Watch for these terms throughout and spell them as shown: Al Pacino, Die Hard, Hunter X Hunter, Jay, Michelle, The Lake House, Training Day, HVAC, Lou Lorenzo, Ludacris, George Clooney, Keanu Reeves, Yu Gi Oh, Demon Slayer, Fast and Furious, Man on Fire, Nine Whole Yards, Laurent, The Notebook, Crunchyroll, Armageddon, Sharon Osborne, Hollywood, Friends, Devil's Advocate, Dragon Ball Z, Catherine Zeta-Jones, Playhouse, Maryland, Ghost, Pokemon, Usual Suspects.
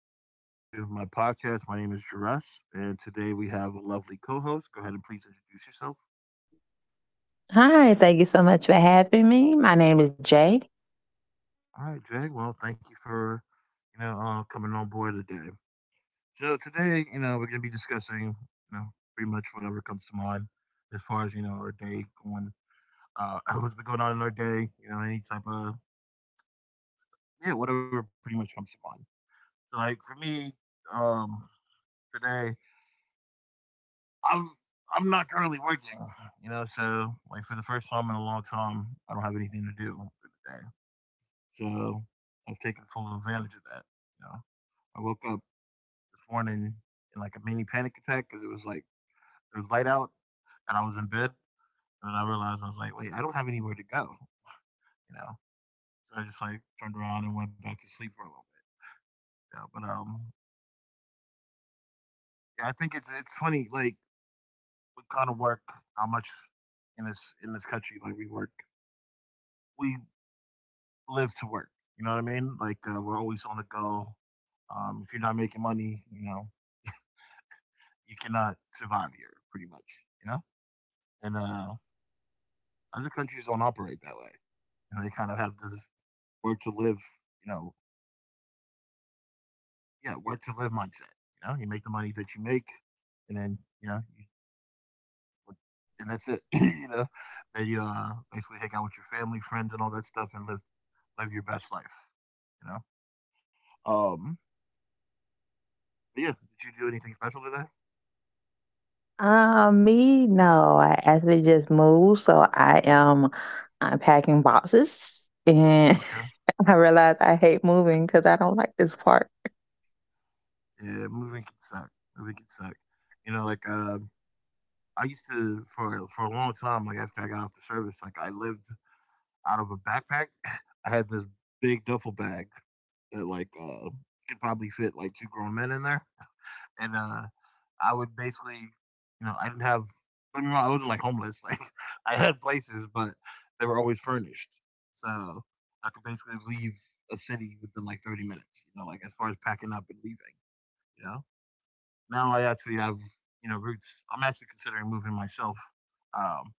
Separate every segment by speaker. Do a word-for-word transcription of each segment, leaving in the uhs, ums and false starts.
Speaker 1: and welcome to my podcast. My name is Jerus, and today we have a lovely co-host. Go ahead and please introduce yourself.
Speaker 2: Hi, thank you so much for having me. My name is Jay.
Speaker 1: All right, Jay. Well, thank you for you know uh, coming on board today. So today, you know, we're gonna be discussing you know pretty much whatever comes to mind as far as you know our day going, uh, what's been going on in our day. You know, any type of yeah, whatever pretty much comes to mind. So like for me, um, today I'm I'm not currently working, you know, so like for the first time in a long time, I don't have anything to do for the day. So I've taken full advantage of that. You know, I woke up this morning in like a mini panic attack because it was like it was light out and I was in bed, and then I realized I was like, wait, I don't have anywhere to go, you know. So I just like turned around and went back to sleep for a little bit. Yeah, but um, yeah, I think it's it's funny like what kind of work, how much in this in this country like we work we live to work. You know what I mean? Like uh, we're always on the go. Um, if you're not making money, you know you cannot survive here, pretty much. You know, and uh, other countries don't operate that way. You know, they kind of have this work to live. You know, yeah, work to live mindset. You know, you make the money that you make, and then you know, you, and that's it. you know, then you uh, basically hang out with your family, friends, and all that stuff, and live live your best life. You know. Um. But yeah, did you do anything special today?
Speaker 2: Um, me, no, I actually just moved, so I am unpacking boxes, and
Speaker 1: Okay.
Speaker 2: I realized I hate moving because I don't like this part.
Speaker 1: Yeah, moving can suck. Moving can suck. You know, like uh, I used to for for a long time. Like after I got off the service, like I lived out of a backpack. I had this big duffel bag that like uh, could probably fit like two grown men in there, and uh, I would basically, you know, I didn't have. I mean, I wasn't like homeless. Like I had places, but they were always furnished, so I could basically leave a city within like thirty minutes. You know, like as far as packing up and leaving. You know, now I actually have you know roots. I'm actually considering moving myself, um,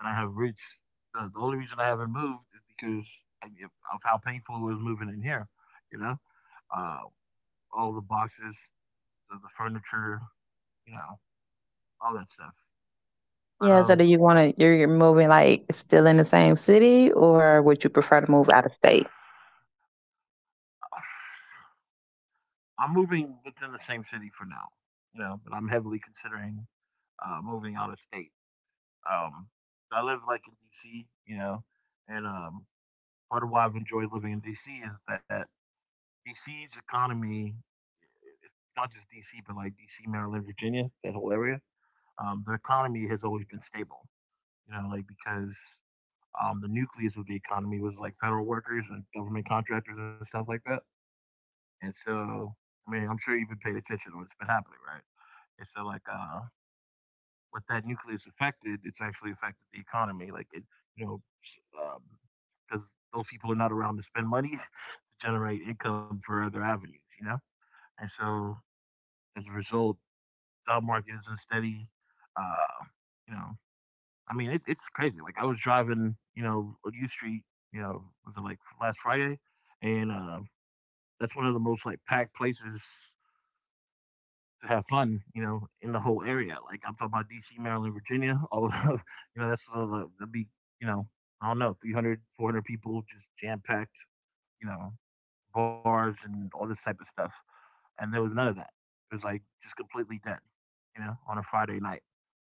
Speaker 1: and I have roots. The, the only reason I haven't moved is because I, of how painful it was moving in here. You know, uh, all the boxes, the, the furniture, you know, all that stuff. But
Speaker 2: Yeah, so
Speaker 1: um,
Speaker 2: do you want to? You're you're moving like still in the same city, or would you prefer to move out of state?
Speaker 1: I'm moving within the same city for now. You know, but I'm heavily considering uh, moving out of state. Um, I live like in D C. You know, and um, part of why I've enjoyed living in D C is that D C's economy, not just D C, but like D C, Maryland, Virginia, that whole area, um, the economy has always been stable. You know, like because um, the nucleus of the economy was like federal workers and government contractors and stuff like that. And so, I mean, I'm sure you've been paying attention to what's been happening, right? And so, like, uh, what that nucleus affected, it's actually affected the economy. Like, it, you know, because um, those people are not around to spend money to generate income for other avenues, you know? And so, as a result, job market isn't steady. Uh, you know, I mean, it's it's crazy. Like I was driving, you know, on U Street, you know, was it like last Friday, and uh, that's one of the most like packed places to have fun, you know, in the whole area. Like I'm talking about D C, Maryland, Virginia. All of, you know, that's uh, that'd be, you know, I don't know, three hundred, four hundred people just jam packed, you know, bars and all this type of stuff, and there was none of that. It was like just completely dead, you know, on a Friday night.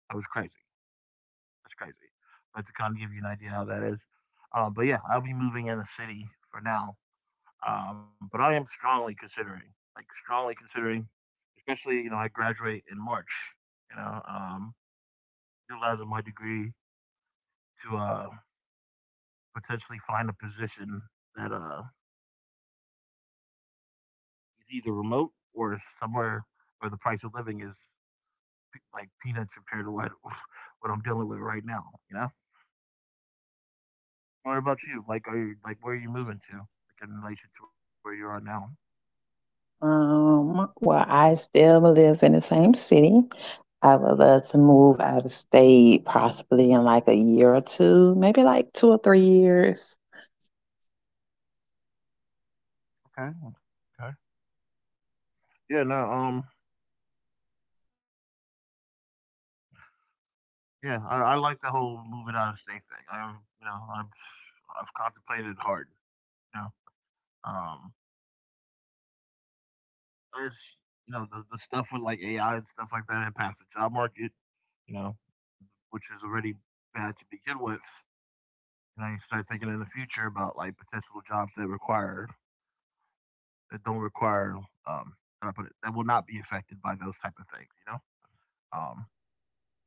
Speaker 1: That was crazy. That's crazy. But to kind of give you an idea how that is. Uh, but yeah, I'll be moving in the city for now. Um, but I am strongly considering, like strongly considering, especially you know I graduate in March. You know, um, utilizing my degree to uh, potentially find a position that uh, is either remote or somewhere where the price of living is like peanuts compared to what what I'm dealing with right now. You know. What about you? Like, are you like where are you moving to? Like in relation to where you are now?
Speaker 2: Um, well, I still live in the same city. I
Speaker 1: Mm,
Speaker 2: would love to move out of state, possibly in like a year or two, maybe like two or three years.
Speaker 1: okay. Okay. Yeah. No. Um. Yeah. I, I like the whole moving out of state thing. I you know I've I've contemplated it hard. You know. Um. It's you know the the stuff with like A I and stuff like that impacts the job market. You know, which is already bad to begin with. And I start thinking in the future about like potential jobs that require that don't require um how do I put it that will not be affected by those type of things, you know. Um,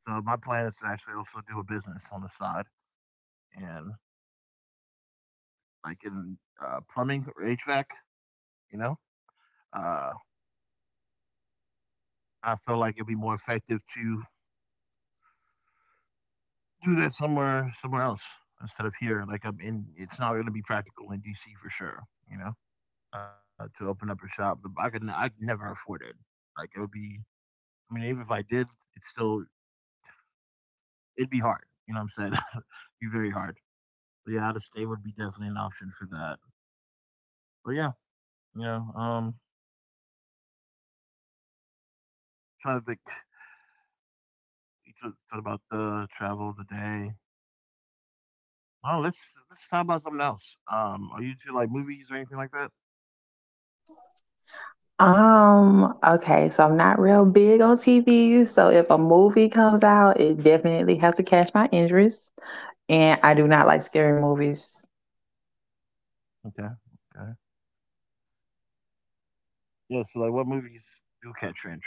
Speaker 1: so my plan is to actually also do a business on the side and like in uh, plumbing or H V A C, you know. Uh, I feel like it'd be more effective to do that somewhere somewhere else instead of here. Like I'm in, it's not going to be practical in D C for sure. You know, uh, to open up a shop, The- I could I could never afford it. Like it would be. I mean, even if I did, it's still it'd be hard. You know what I'm saying? it'd be very hard. But yeah, out of state would be definitely an option for that. But yeah, you know, um, trying to think. You talked talked about the travel, the day. Oh, let's let's talk about something else. Um, are you into like movies or anything like that?
Speaker 2: Um, okay, so I'm not real big on T V. So if a movie comes out, it definitely has to catch my interest. And I do not like scary movies.
Speaker 1: Okay, okay. Yeah. So like, what movies do catch your interest?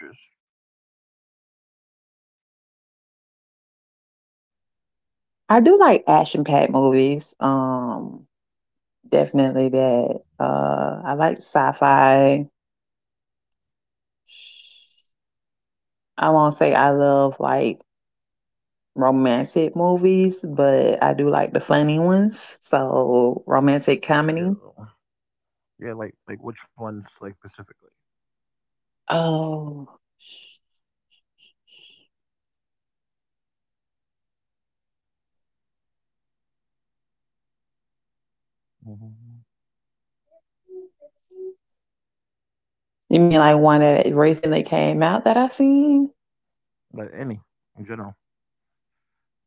Speaker 2: I do like action packed movies. Um, definitely that. Uh, I like sci fi. I won't say I love like romantic movies, but I do like the funny ones. So romantic
Speaker 1: Yeah,
Speaker 2: comedy.
Speaker 1: yeah. Like like which ones like specifically?
Speaker 2: Oh,
Speaker 1: Hmm,
Speaker 2: you mean like one that recently came out that I seen?
Speaker 1: like any in general,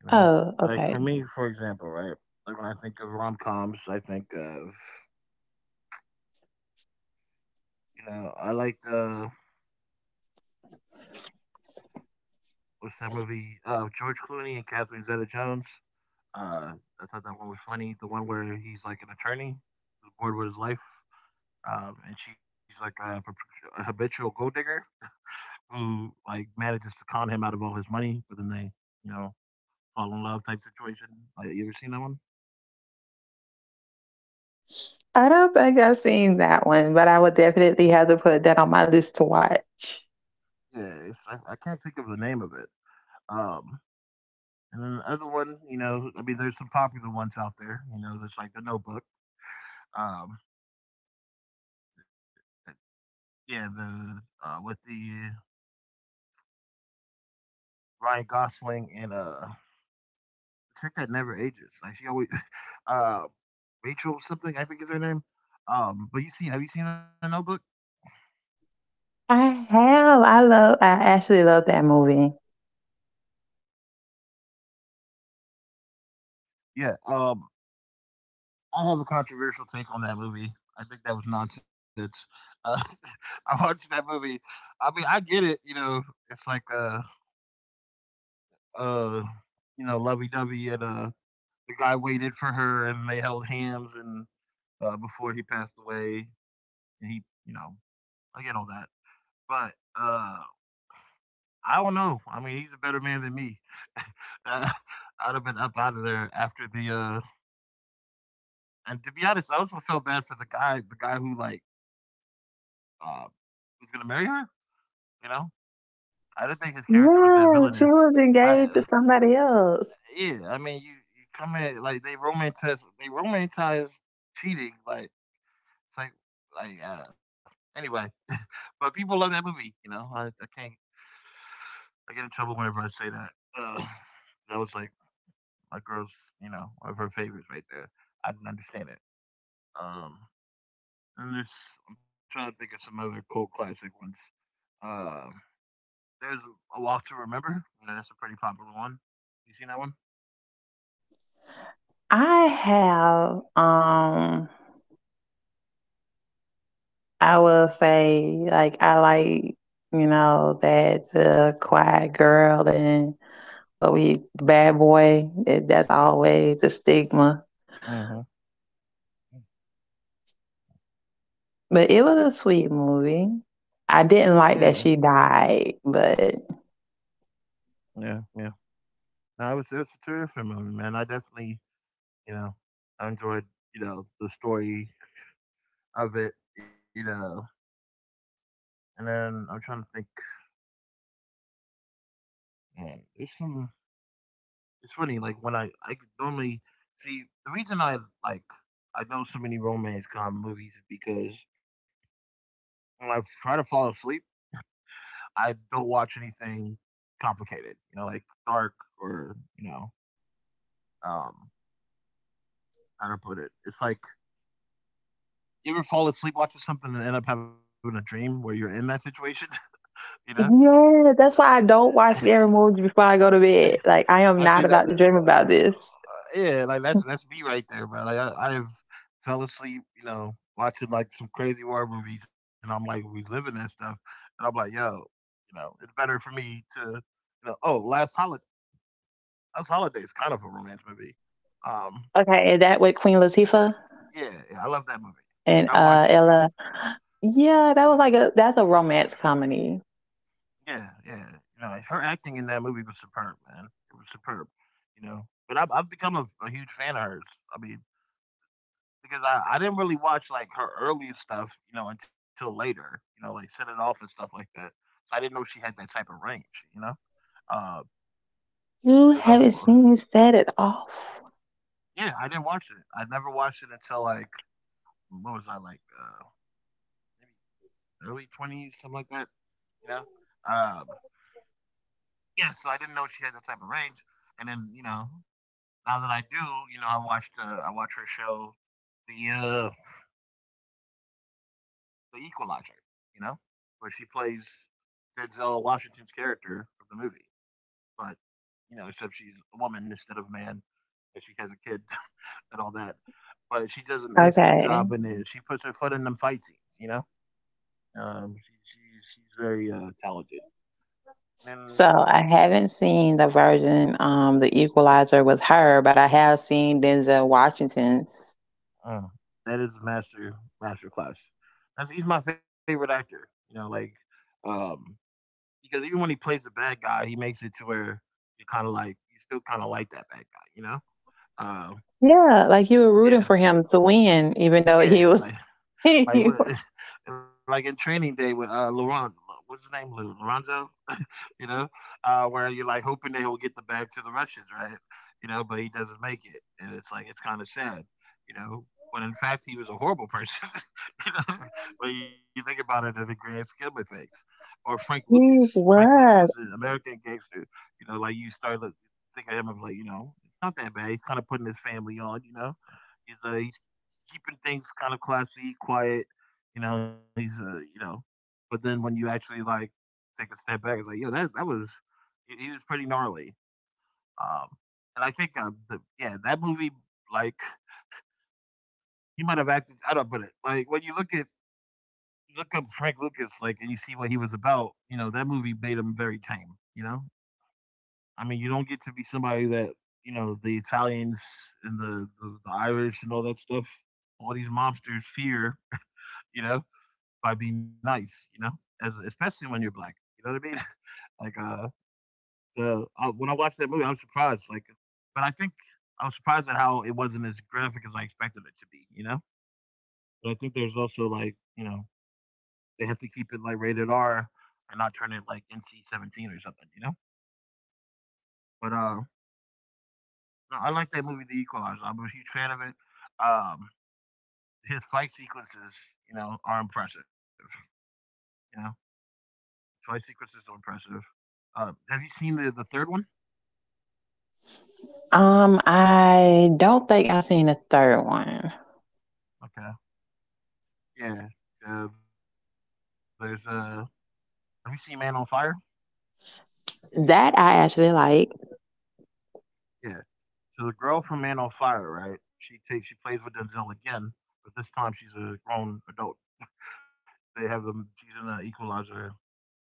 Speaker 1: you know.
Speaker 2: Oh,
Speaker 1: Like for
Speaker 2: okay.
Speaker 1: me, for example, right? Like when I think of rom coms, I think of you know I like the was that movie uh, George Clooney and Catherine Zeta-Jones. Uh, I thought that one was funny. The one where he's like an attorney, who's bored with his life, um, and she's like a, a habitual gold digger who like manages to con him out of all his money, but then they, you know, fall in love type situation. Like, you ever seen that one?
Speaker 2: I don't think I've seen that one, but I would definitely have to put that on my list to watch.
Speaker 1: Yeah, it's, I, I can't think of the name of it. Um, and then the other one, you know, I mean, there's some popular ones out there. You know, there's like The Notebook. Um, yeah, the uh, with the Ryan Gosling and uh the chick that never ages. Like she always uh Rachel something, I think is her name. Um but you seen have you seen The Notebook?
Speaker 2: I have. I love I actually love that movie.
Speaker 1: Yeah. Um I have a controversial take on that movie. I think that was nonsense. Uh, I watched that movie. I mean, I get it. You know, it's like uh, uh, you know, lovey dovey, and uh, the guy waited for her, and they held hands, and uh, before he passed away, and he, you know, I get all that. But uh, I don't know. I mean, he's a better man than me. Uh, I'd have been up out of there after the. uh And to be honest, I also felt bad for the guy, the guy who like uh, was gonna marry her. You know, I didn't think his character was that
Speaker 2: Yeah, she
Speaker 1: villainous.
Speaker 2: was
Speaker 1: I,
Speaker 2: engaged to somebody else.
Speaker 1: yeah, I mean, you, you come in like they romanticize, they romanticize cheating. Like it's like, like uh, anyway. But people love that movie. You know, I, I can't. I get in trouble whenever I say that. Uh, that was like my girl's, you know, one of her favorites right there. I didn't understand it. Um, and there's, I'm trying to think of some other cult classic ones. Uh, there's A Walk to Remember. You know, that's a pretty popular one. You seen that one?
Speaker 2: I have um I will say like I like, you know, that the quiet girl and what we bad boy, that, that's always the stigma.
Speaker 1: Uh huh.
Speaker 2: But it was a sweet movie. I didn't
Speaker 1: Yeah,
Speaker 2: like that she died, but
Speaker 1: yeah, yeah. No, it was it was a terrific movie, man. I definitely, you know, I enjoyed, you know, the story of it, you know. And then I'm trying to think. Man, there's some, it's funny, like when I I could normally see the reason I like I know so many romance com movies is because when I try to fall asleep, I don't watch anything complicated. You know, like dark or you know, um, how to put it. It's like you ever fall asleep watching something and end up having a dream where you're in that situation. You know.
Speaker 2: yeah, that's why I don't watch scary movies before I go to bed. Like I
Speaker 1: That's think
Speaker 2: am
Speaker 1: that
Speaker 2: not
Speaker 1: that
Speaker 2: about to dream about this.
Speaker 1: uh, yeah, like, that's that's me right there, bro. Like, I I have fell asleep, you know, watching, like, some crazy war movies, and I'm, like, reliving that stuff, and I'm like, "Yo," you know, "it's better for me to" you know, oh, Last Holiday. Last Holiday is kind of a romance movie. Um,
Speaker 2: Okay, and that with Queen Latifah
Speaker 1: yeah, yeah, I love that movie.
Speaker 2: and
Speaker 1: Like, I
Speaker 2: uh
Speaker 1: watch
Speaker 2: Ella. Yeah, that was like a that's a romance comedy.
Speaker 1: yeah, yeah, you know, like, her acting in that movie was superb, man. It was superb, you know? But I've I've become a a huge fan of hers. I mean, because I, I didn't really watch like her early stuff, you know, until later, you know, like Set It Off and stuff like that. So I didn't know she had that type of range, you know, because
Speaker 2: You
Speaker 1: uh, I've
Speaker 2: haven't
Speaker 1: uh,
Speaker 2: seen me set it off.
Speaker 1: yeah, I didn't watch it. I never watched it until like what was I like uh, maybe early twenties, something like that, you know. Um, yeah, so I didn't know she had that type of range, and then you know now that I do, you know, I watched uh, I watch her show the uh, the Equalizer, you know, where she plays Denzel Washington's character from the movie, but you know, except she's a woman instead of a man, and she has a kid and all that. But she does an excellent
Speaker 2: Okay.
Speaker 1: job in it. She puts her foot in them fight scenes, you know. Um, she, she, she's very uh, talented, and
Speaker 2: So I haven't seen the version, um, the equalizer with her, but I have seen Denzel Washington.
Speaker 1: uh, that is master master class. That's, he's my favorite actor, you know, like um, because even when he plays a bad guy, he makes it to where you kind of like you still kind of like that bad guy, you know. Uh,
Speaker 2: Yeah, like you were rooting
Speaker 1: yeah,
Speaker 2: for him to win, even though he was
Speaker 1: yeah, like
Speaker 2: he
Speaker 1: Like what? Like in Training Day with uh, Laurent. What's his name? Lou Lorenzo. you know, uh, where you're like hoping that he'll get the bag to the Russians, right? You know, but he doesn't make it, and it's like it's kind of sad, you know, when in fact he was a horrible person, you know, when you think about it in the grand scheme of things. Or Frank Lucas, Frank Lucas is an
Speaker 2: was.
Speaker 1: American gangster, you know. Like you start to think of him of like you know, it's not that bad. He's kind of putting his family on, you know. He's uh, he's keeping things kind of classy, quiet. You know, he's a, uh, you know, but then when you actually like take a step back, it's like, yo, that that was he was pretty gnarly. Um, and I think uh, the, yeah, that movie like he might have acted. I don't, but it, like when you look at look up Frank Lucas, like, and you see what he was about. You know, that movie made him very tame. You know, I mean, you don't get to be somebody that you know the Italians and the the, the Irish and all that stuff, all these mobsters fear, you know, by being nice, you know, as especially when you're black. You know what I mean? Like, uh, so I, when I watched that movie, I was surprised. Like, but I think I was surprised at how it wasn't as graphic as I expected it to be. You know, but I think there's also like, you know, they have to keep it like rated R and not turn it like N C seventeen or something. You know, but uh, no, I like that movie, The Equalizer. I'm a huge fan of it. Um, his fight sequences, you know, are impressive. You know, fight sequences are impressive. Uh, have you seen the the third one?
Speaker 2: Um, I don't think I've seen the third one.
Speaker 1: Okay. Yeah, uh, there's a. Have you seen Man on Fire?
Speaker 2: That I actually like.
Speaker 1: Yeah. So the girl from Man on Fire, right? She takes, she plays with Denzel again, but this time she's a grown adult. They have them. She's in the Equalizer three.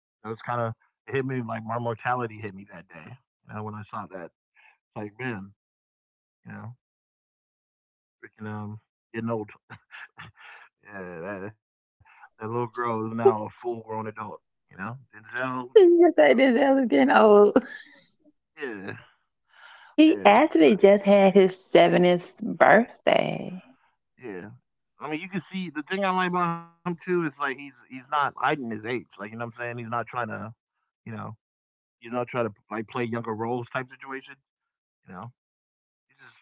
Speaker 1: That was kind of it hit me like my mortality hit me that day. You know, when I saw that, it's like man, you know, freaking um, getting old. Yeah, that, that little girl is now a full grown adult. You know, Denzel.
Speaker 2: Yes, I did. That was getting old.
Speaker 1: You know, yeah,
Speaker 2: He
Speaker 1: yeah. So
Speaker 2: actually just had his seventieth birthday.
Speaker 1: yeah. I mean, you can see the thing I like about him too is like he's he's not hiding his age. Like you know what I'm saying? He's not trying to, you know, he's not trying to like play younger roles type situation. You know, he's just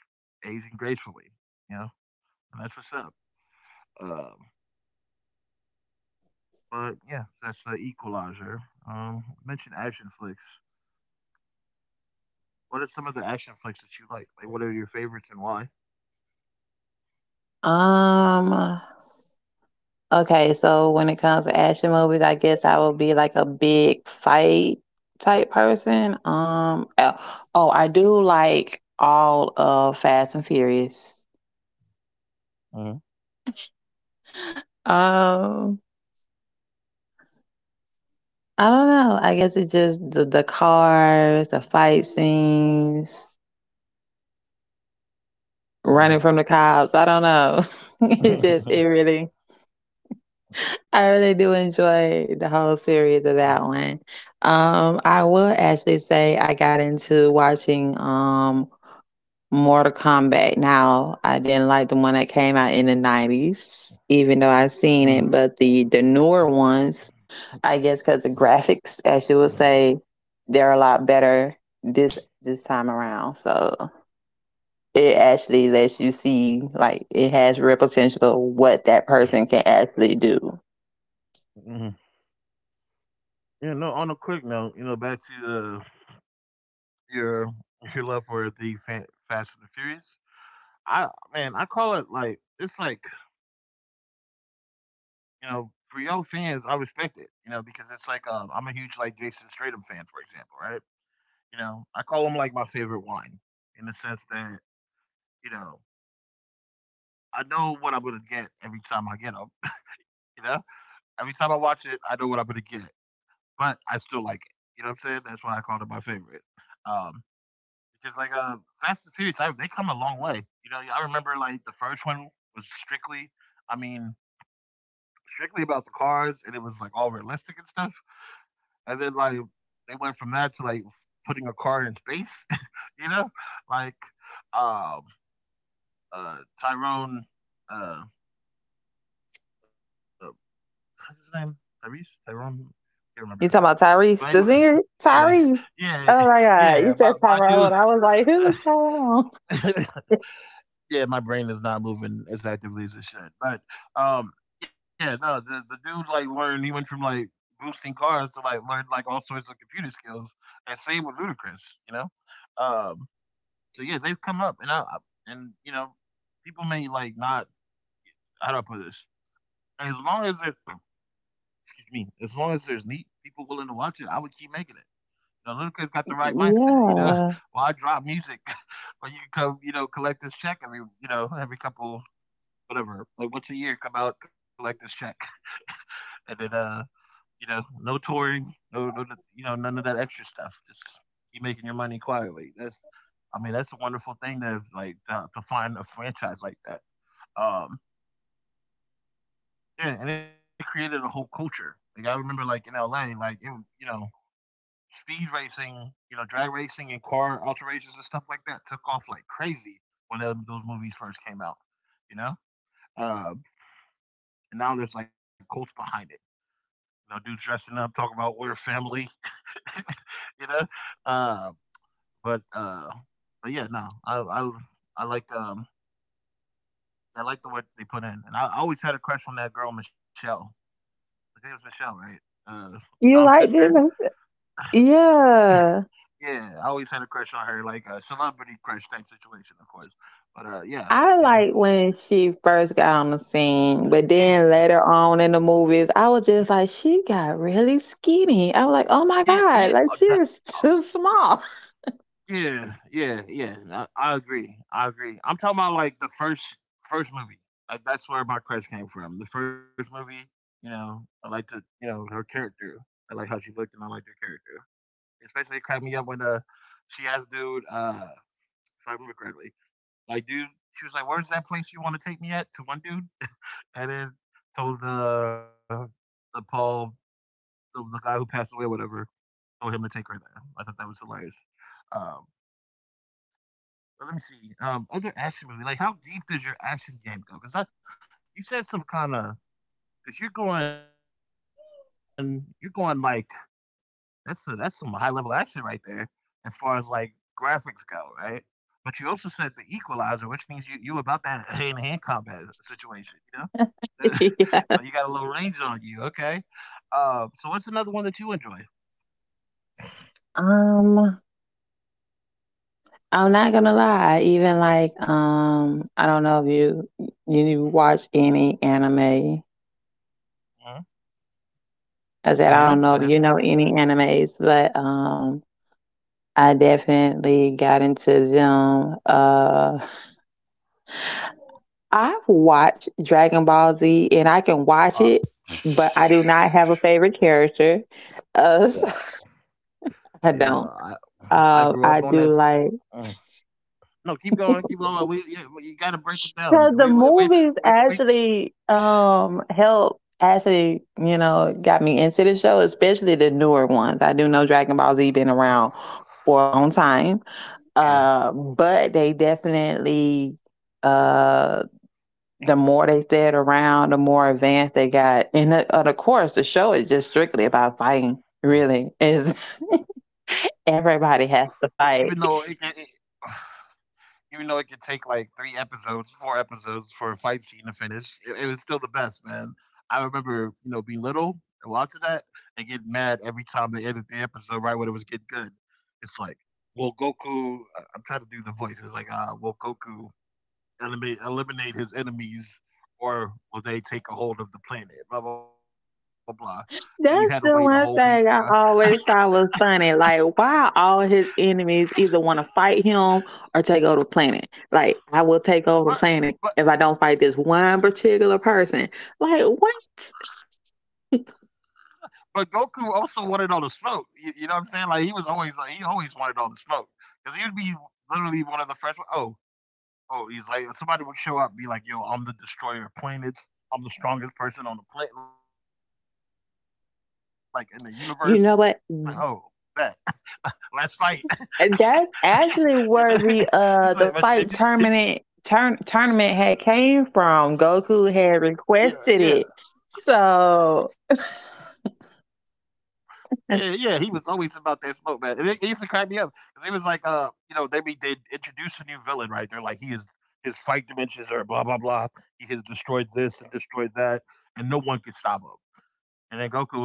Speaker 1: aging gracefully. You know, and that's what's up. Um, but yeah, that's the Equalizer. Um, mention action flicks. What are some of the action flicks that you like? Like, what are your favorites and why?
Speaker 2: Um, Okay, so when it comes to action movies, I guess I would be like a big fight type person. Um, oh, oh, I do like all of Fast and Furious.
Speaker 1: Uh huh.
Speaker 2: Um, I don't know. I guess it's just the, the cars, the fight scenes,
Speaker 1: Uh huh.
Speaker 2: running from the cops. I don't know. it's just it really. I really do enjoy the whole series of that one. Um, I will actually say I got into watching um Mortal Kombat. Now, I didn't like the one that came out in the nineties, even though I
Speaker 1: Mm,
Speaker 2: seen it, but the, the newer ones, I guess because the graphics, as you would say, they're a lot better this this time around. So it actually lets you see, like, it has real potential of what that person can actually do.
Speaker 1: mhm. Yeah, no. On a quick note, you know, back to uh, your your love for the fa- Fast and the Furious. I man, I call it like it's like you know for y'all fans, I respect it. You know because it's like um, I'm a huge like Jason Statham fan, for example, right? You know I call him like my favorite wine in the sense that you know I know what I'm gonna get every time I get him. You know every time I watch it, I know what I'm gonna get, but I still like it. You know what I'm saying? That's why I called it my favorite. Um, because like uh, Fast and Furious, I, they come a long way. You know, I remember like the first one was strictly, I mean, strictly about the cars, and it was like all realistic and stuff. And then like they went from that to like putting a car in space. you know, like um uh Tyrone, uh, uh what's his name? Tyrese, Tyrone, I can't remember.
Speaker 2: You talking about
Speaker 1: But anyway,
Speaker 2: Tyrese? The singer
Speaker 1: yeah,
Speaker 2: Tyrese.
Speaker 1: yeah,
Speaker 2: Oh my
Speaker 1: yeah.
Speaker 2: God,
Speaker 1: My
Speaker 2: you said
Speaker 1: my dude,
Speaker 2: Tyrone. I was like, who is Tyrone?
Speaker 1: yeah, my brain is not moving as actively as it should. But um, yeah, no, the the dude like learned. He went from like boosting cars to like learn like all sorts of computer skills. And same with Ludacris, you know. Um, so yeah, they've come up, and I and you know, people may like not. How do I put this? As long as there's excuse me, as long as there's neat people willing to watch it, I would keep making it. Now, Ludacris got the right mindset, you know.
Speaker 2: Yeah.
Speaker 1: Why drop music when you can come, you know, collect this check every, you know, every couple whatever, like once a year, come out, collect this check, and then uh, you know, no touring, no, no, no- you know, none of that extra stuff. Just keep making your money quietly. That's, I mean, that's a wonderful thing to like to, to find a franchise like that. Um, yeah, and it created a whole culture. Like I remember, like in L A, like it, you know, speed racing, you know, drag racing and car alterations and stuff like that took off like crazy when um, those movies first came out. You know, uh, and now there's like cults behind it. No dude dressing up, talking about we're family, you know. Uh, but uh, but yeah, no, I I I like um I like the work they put in, and I, I always had a crush on that girl Michelle. I think it was Michelle, right? Uh, Dom's
Speaker 2: You liked
Speaker 1: sister.
Speaker 2: it? Yeah.
Speaker 1: Yeah, I always had a crush on her, like a celebrity crush type situation, of course. But uh, yeah,
Speaker 2: I
Speaker 1: yeah,
Speaker 2: like when she first got on the scene, but
Speaker 1: yeah,
Speaker 2: then later on in the movies, I was just like, she got really skinny. I was like, oh my
Speaker 1: yeah, yeah.
Speaker 2: God,
Speaker 1: uh,
Speaker 2: like she
Speaker 1: That,
Speaker 2: is
Speaker 1: uh,
Speaker 2: too small.
Speaker 1: yeah, yeah, yeah. I, I agree. I agree. I'm talking about like the first first movie. Like that's where my crush came from. The first movie, you know, I like the you know, her character. I like how she looked and I liked her character. Especially it cracked me up when uh she asked dude, uh if I remember correctly, like dude, she was like, "Where's that place you wanna take me at to one dude?" And then told the the Paul, the, the guy who passed away or whatever, told him to take her there. I thought that was hilarious. Um Uh, Let me see. Um, other action movie. Like, how deep does your action game go? Because you said some kind of. Because you're going, you're going like that's a, that's some high level action right there, as far as like graphics go, right? But you also said the Equalizer, which means you you about that hand to hand combat situation, you know. So you got a little range on you, okay? Uh, so what's another one that you enjoy?
Speaker 2: Um, I'm not gonna lie, even like um, I don't know if you you watch any anime.
Speaker 1: Uh, I
Speaker 2: I
Speaker 1: have,
Speaker 2: said
Speaker 1: I
Speaker 2: I don't
Speaker 1: have.
Speaker 2: know if you know any animes, but um I definitely got into them uh I watch Dragon Ball Z and I can
Speaker 1: Uh,
Speaker 2: watch it, but I do not have a favorite character.
Speaker 1: yeah,
Speaker 2: Uh,
Speaker 1: yeah.
Speaker 2: I don't.
Speaker 1: I I grew
Speaker 2: Um,
Speaker 1: up on
Speaker 2: I
Speaker 1: that.
Speaker 2: do like
Speaker 1: mm, No, keep going, keep going. We yeah, you got to break it down.
Speaker 2: because the
Speaker 1: We we we
Speaker 2: movies
Speaker 1: we, we
Speaker 2: actually um help actually, you know, got me into the show, especially the newer ones. I do know Dragon Ball Z been around for a long time.
Speaker 1: yeah.
Speaker 2: Uh but they definitely uh the more they stayed around, the more advanced they got. And the, and of course, the show is just strictly about fighting. Really, is
Speaker 1: Even though it, can,
Speaker 2: everybody
Speaker 1: it
Speaker 2: has to fight.
Speaker 1: even though it could take like three episodes, four episodes for a fight scene to finish, it, it was still the best, man. I remember, you know, being little and watching that, and getting mad every time they ended the episode right when it was getting good. It's like, well, Goku. I- am trying to do the voice. It's like, ah, uh, well, Goku eliminate eliminate his enemies, or will they take a hold of the planet? Blah blah blah. And you had to wait a whole week,
Speaker 2: That's
Speaker 1: bro.
Speaker 2: the one thing I always thought was funny. Like, why all his enemies either want to fight him or take over the planet? Like, I
Speaker 1: but
Speaker 2: will take over
Speaker 1: but
Speaker 2: the planet if I don't fight this one particular person. Like, what?
Speaker 1: but Goku also wanted all the smoke. You, you know what I'm saying? Like he was always like, he always wanted all the smoke because he would be literally one of the first. Oh oh, he's like, somebody would show up and be like, "Yo, I'm the destroyer of planets. I'm the strongest person on the planet, like in the universe." Like, oh, bet.
Speaker 2: You
Speaker 1: Let's
Speaker 2: know
Speaker 1: fight.
Speaker 2: what?
Speaker 1: You know? He's
Speaker 2: And
Speaker 1: like, but
Speaker 2: that's
Speaker 1: did you
Speaker 2: actually
Speaker 1: did
Speaker 2: where the uh the fight tournament turn tournament had came from.
Speaker 1: Yeah,
Speaker 2: Goku
Speaker 1: yeah.
Speaker 2: had requested it. So
Speaker 1: Yeah, yeah, he was always about that smoke, man. And it, it used to crack me up because it was like, uh, you know, they be they introduce a new villain, right? They're like, he is, his fight dimensions are blah blah blah. He has destroyed this and destroyed that, and no one can stop him. And then Goku would be like,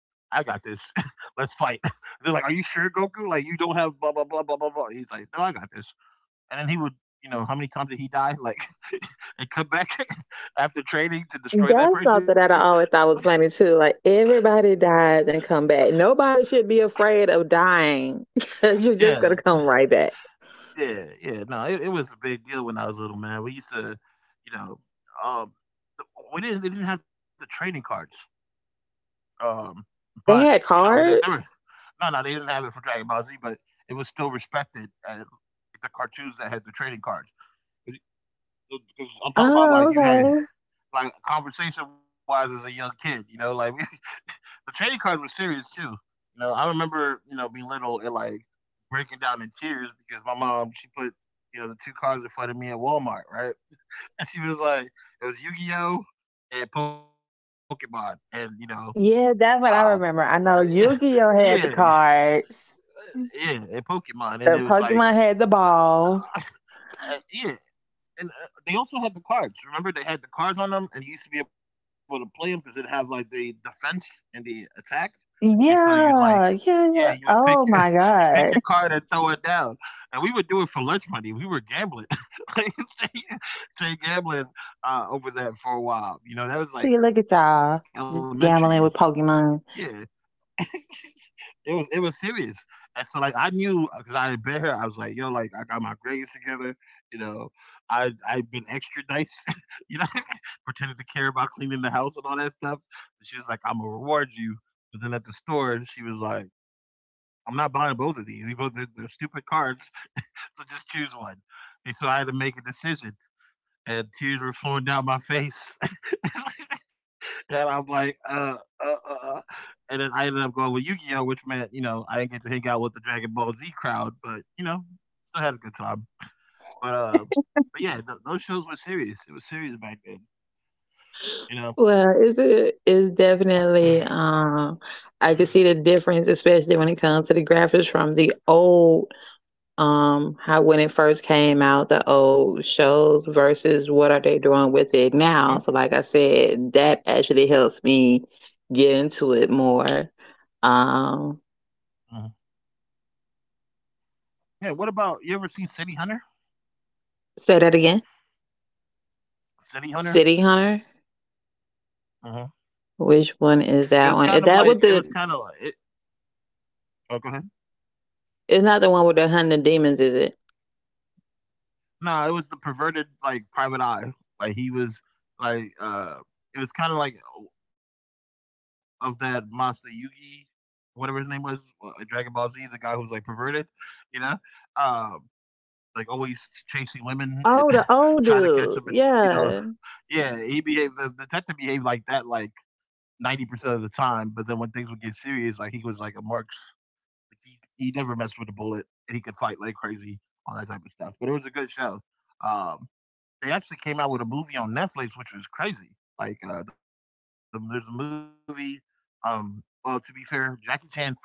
Speaker 1: I got this. Let's fight. They're like, are you sure, Goku? Like, you don't have blah blah blah blah blah blah. He's like, no, I got this. And then he would, you know, how many times did he die? Like, and come back after training to destroy that
Speaker 2: that's
Speaker 1: person.
Speaker 2: something that I always thought was funny too. Like everybody dies and come back. Nobody should be afraid of dying because you're just
Speaker 1: Yeah,
Speaker 2: gonna come right back.
Speaker 1: yeah, yeah. No, it, it was a big deal when I was little, man. We used to, you know, um, th- we didn't they didn't have the trading cards, um, but
Speaker 2: They
Speaker 1: you
Speaker 2: had
Speaker 1: know, they, they were
Speaker 2: cards.
Speaker 1: no, no, they didn't have it for Dragon Ball Z, but it was still respected at the cartoons that had the trading cards. Because I'm talking about like
Speaker 2: Oh,
Speaker 1: you had
Speaker 2: okay.
Speaker 1: like conversation wise as a young kid, you know, like the trading cards were serious too. You know, I remember, you know, being little, and like breaking down in tears because my mom, she put, you know, the two cards in front of me at Walmart, right? And she was like, it was Yu Gi Oh and Pokemon, and you know, um,
Speaker 2: Yeah, that's what I remember. I know
Speaker 1: yeah,
Speaker 2: Yu-Gi-Oh had the cards.
Speaker 1: yeah, and Pokemon, and it was
Speaker 2: The
Speaker 1: like,
Speaker 2: Pokemon had the balls.
Speaker 1: uh, yeah, and uh, they also had the cards. Remember, they had the cards on them, and you used to be able to play them because it had like the defense and the attack, and so you like,
Speaker 2: Yeah, yeah,
Speaker 1: yeah, you
Speaker 2: yeah.
Speaker 1: would pick your
Speaker 2: Oh my
Speaker 1: you pick your
Speaker 2: God.
Speaker 1: card and throw it down, and we would do it for lunch money. We were gambling, like, stay, stay gambling uh, over that for a while. You know, that was
Speaker 2: See,
Speaker 1: like
Speaker 2: look at y'all
Speaker 1: elementary.
Speaker 2: just gambling with
Speaker 1: Yeah,
Speaker 2: Pokemon.
Speaker 1: it was, it was serious. And so like I knew, because I had been here, I was like, yo, like I got my grades together, you know. I I've been extra nice, you know, pretended to care about cleaning the house and all that stuff. And she was like, I'm gonna reward you. But then at the store, she was like, I'm not buying both of these. They both they're, they're stupid cards, so just choose one. And so I had to make a decision, and tears were flowing down my face. And I'm like, uh, uh, uh, uh. And then I ended up going with Yu Gi Oh!, which meant, you know, I didn't get to hang out with the Dragon Ball Z crowd, but, you know, still had a good time. But, uh, but yeah, th- those shows were serious. It was serious back then, you know?
Speaker 2: Well, it's a, it's definitely um I could see the difference, especially when it comes to the graphics from the old, um how when it first came out, the old shows versus what are
Speaker 1: hmm
Speaker 2: they doing with it now. So like I said, that actually helps me get into it more.
Speaker 1: hmm
Speaker 2: um
Speaker 1: Yeah, what about, you ever seen City Hunter?
Speaker 2: say that again?
Speaker 1: City Hunter?
Speaker 2: City Hunter.
Speaker 1: Uh huh.
Speaker 2: Which
Speaker 1: It
Speaker 2: one
Speaker 1: was kind
Speaker 2: is
Speaker 1: of
Speaker 2: that
Speaker 1: like,
Speaker 2: one?
Speaker 1: it
Speaker 2: Is
Speaker 1: was
Speaker 2: that
Speaker 1: kind
Speaker 2: with
Speaker 1: of
Speaker 2: the—
Speaker 1: like, it, oh, go ahead.
Speaker 2: it's not the one with the hunting demons, is it?
Speaker 1: No, it was the perverted, like, private eye. Like, he was, like, uh, it was kinda like of that monster Yugi, whatever his name was, uh, in Dragon Ball Z, the guy who was, like, perverted, you know? Um, like, always chasing women and trying to
Speaker 2: Oh, the
Speaker 1: catch them, and
Speaker 2: old
Speaker 1: you know.
Speaker 2: dude. Yeah.
Speaker 1: Yeah, he behaved, the the detective behaved like that, like, ninety percent of the time, but then when things would get serious, like, he was like a marks. Like, he he never messed with a bullet, and he could fight like crazy, all that type of stuff, but it was a good show. Um, they actually came out with a movie on Netflix, which was crazy. Like, uh, the there's a movie, um, well, to be fair, Jackie Chan first he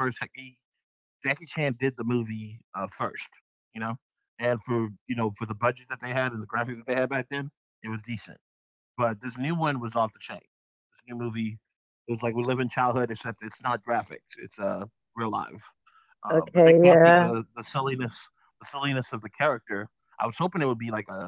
Speaker 1: Jackie Chan did the movie, uh, first, you know? And for, you know, for the budget that they had and the graphics that they had back then, it was decent. But this new one was off the chain. This new movie, it was like we live in childhood, except it's not graphics, it's, uh, real life. Uh, but they
Speaker 2: Okay.
Speaker 1: captured the
Speaker 2: Yeah.
Speaker 1: the silliness, the silliness of the character. I was hoping it would be like a,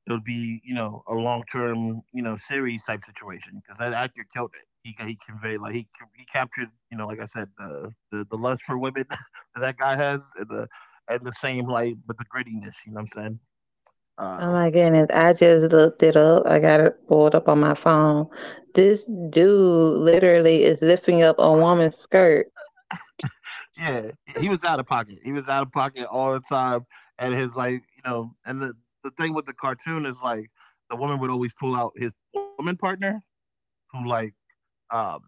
Speaker 1: it would be, you know, a long term, you know, series type situation, because that actor killed it. He ca- he conveyed, like, he ca- he captured, you know, like I said, uh, the the lust for women that that guy has, and the, and the same, like, but the grittiness. You know what I'm saying?
Speaker 2: Oh
Speaker 1: Uh,
Speaker 2: my goodness, I just looked it up. I got it pulled up on my phone. This dude literally is lifting up a woman's skirt.
Speaker 1: yeah, he was out of pocket. He was out of pocket all the time, and his, like, you know, and the the thing with the cartoon is, like, the woman would always pull out, his woman partner, who, like, um,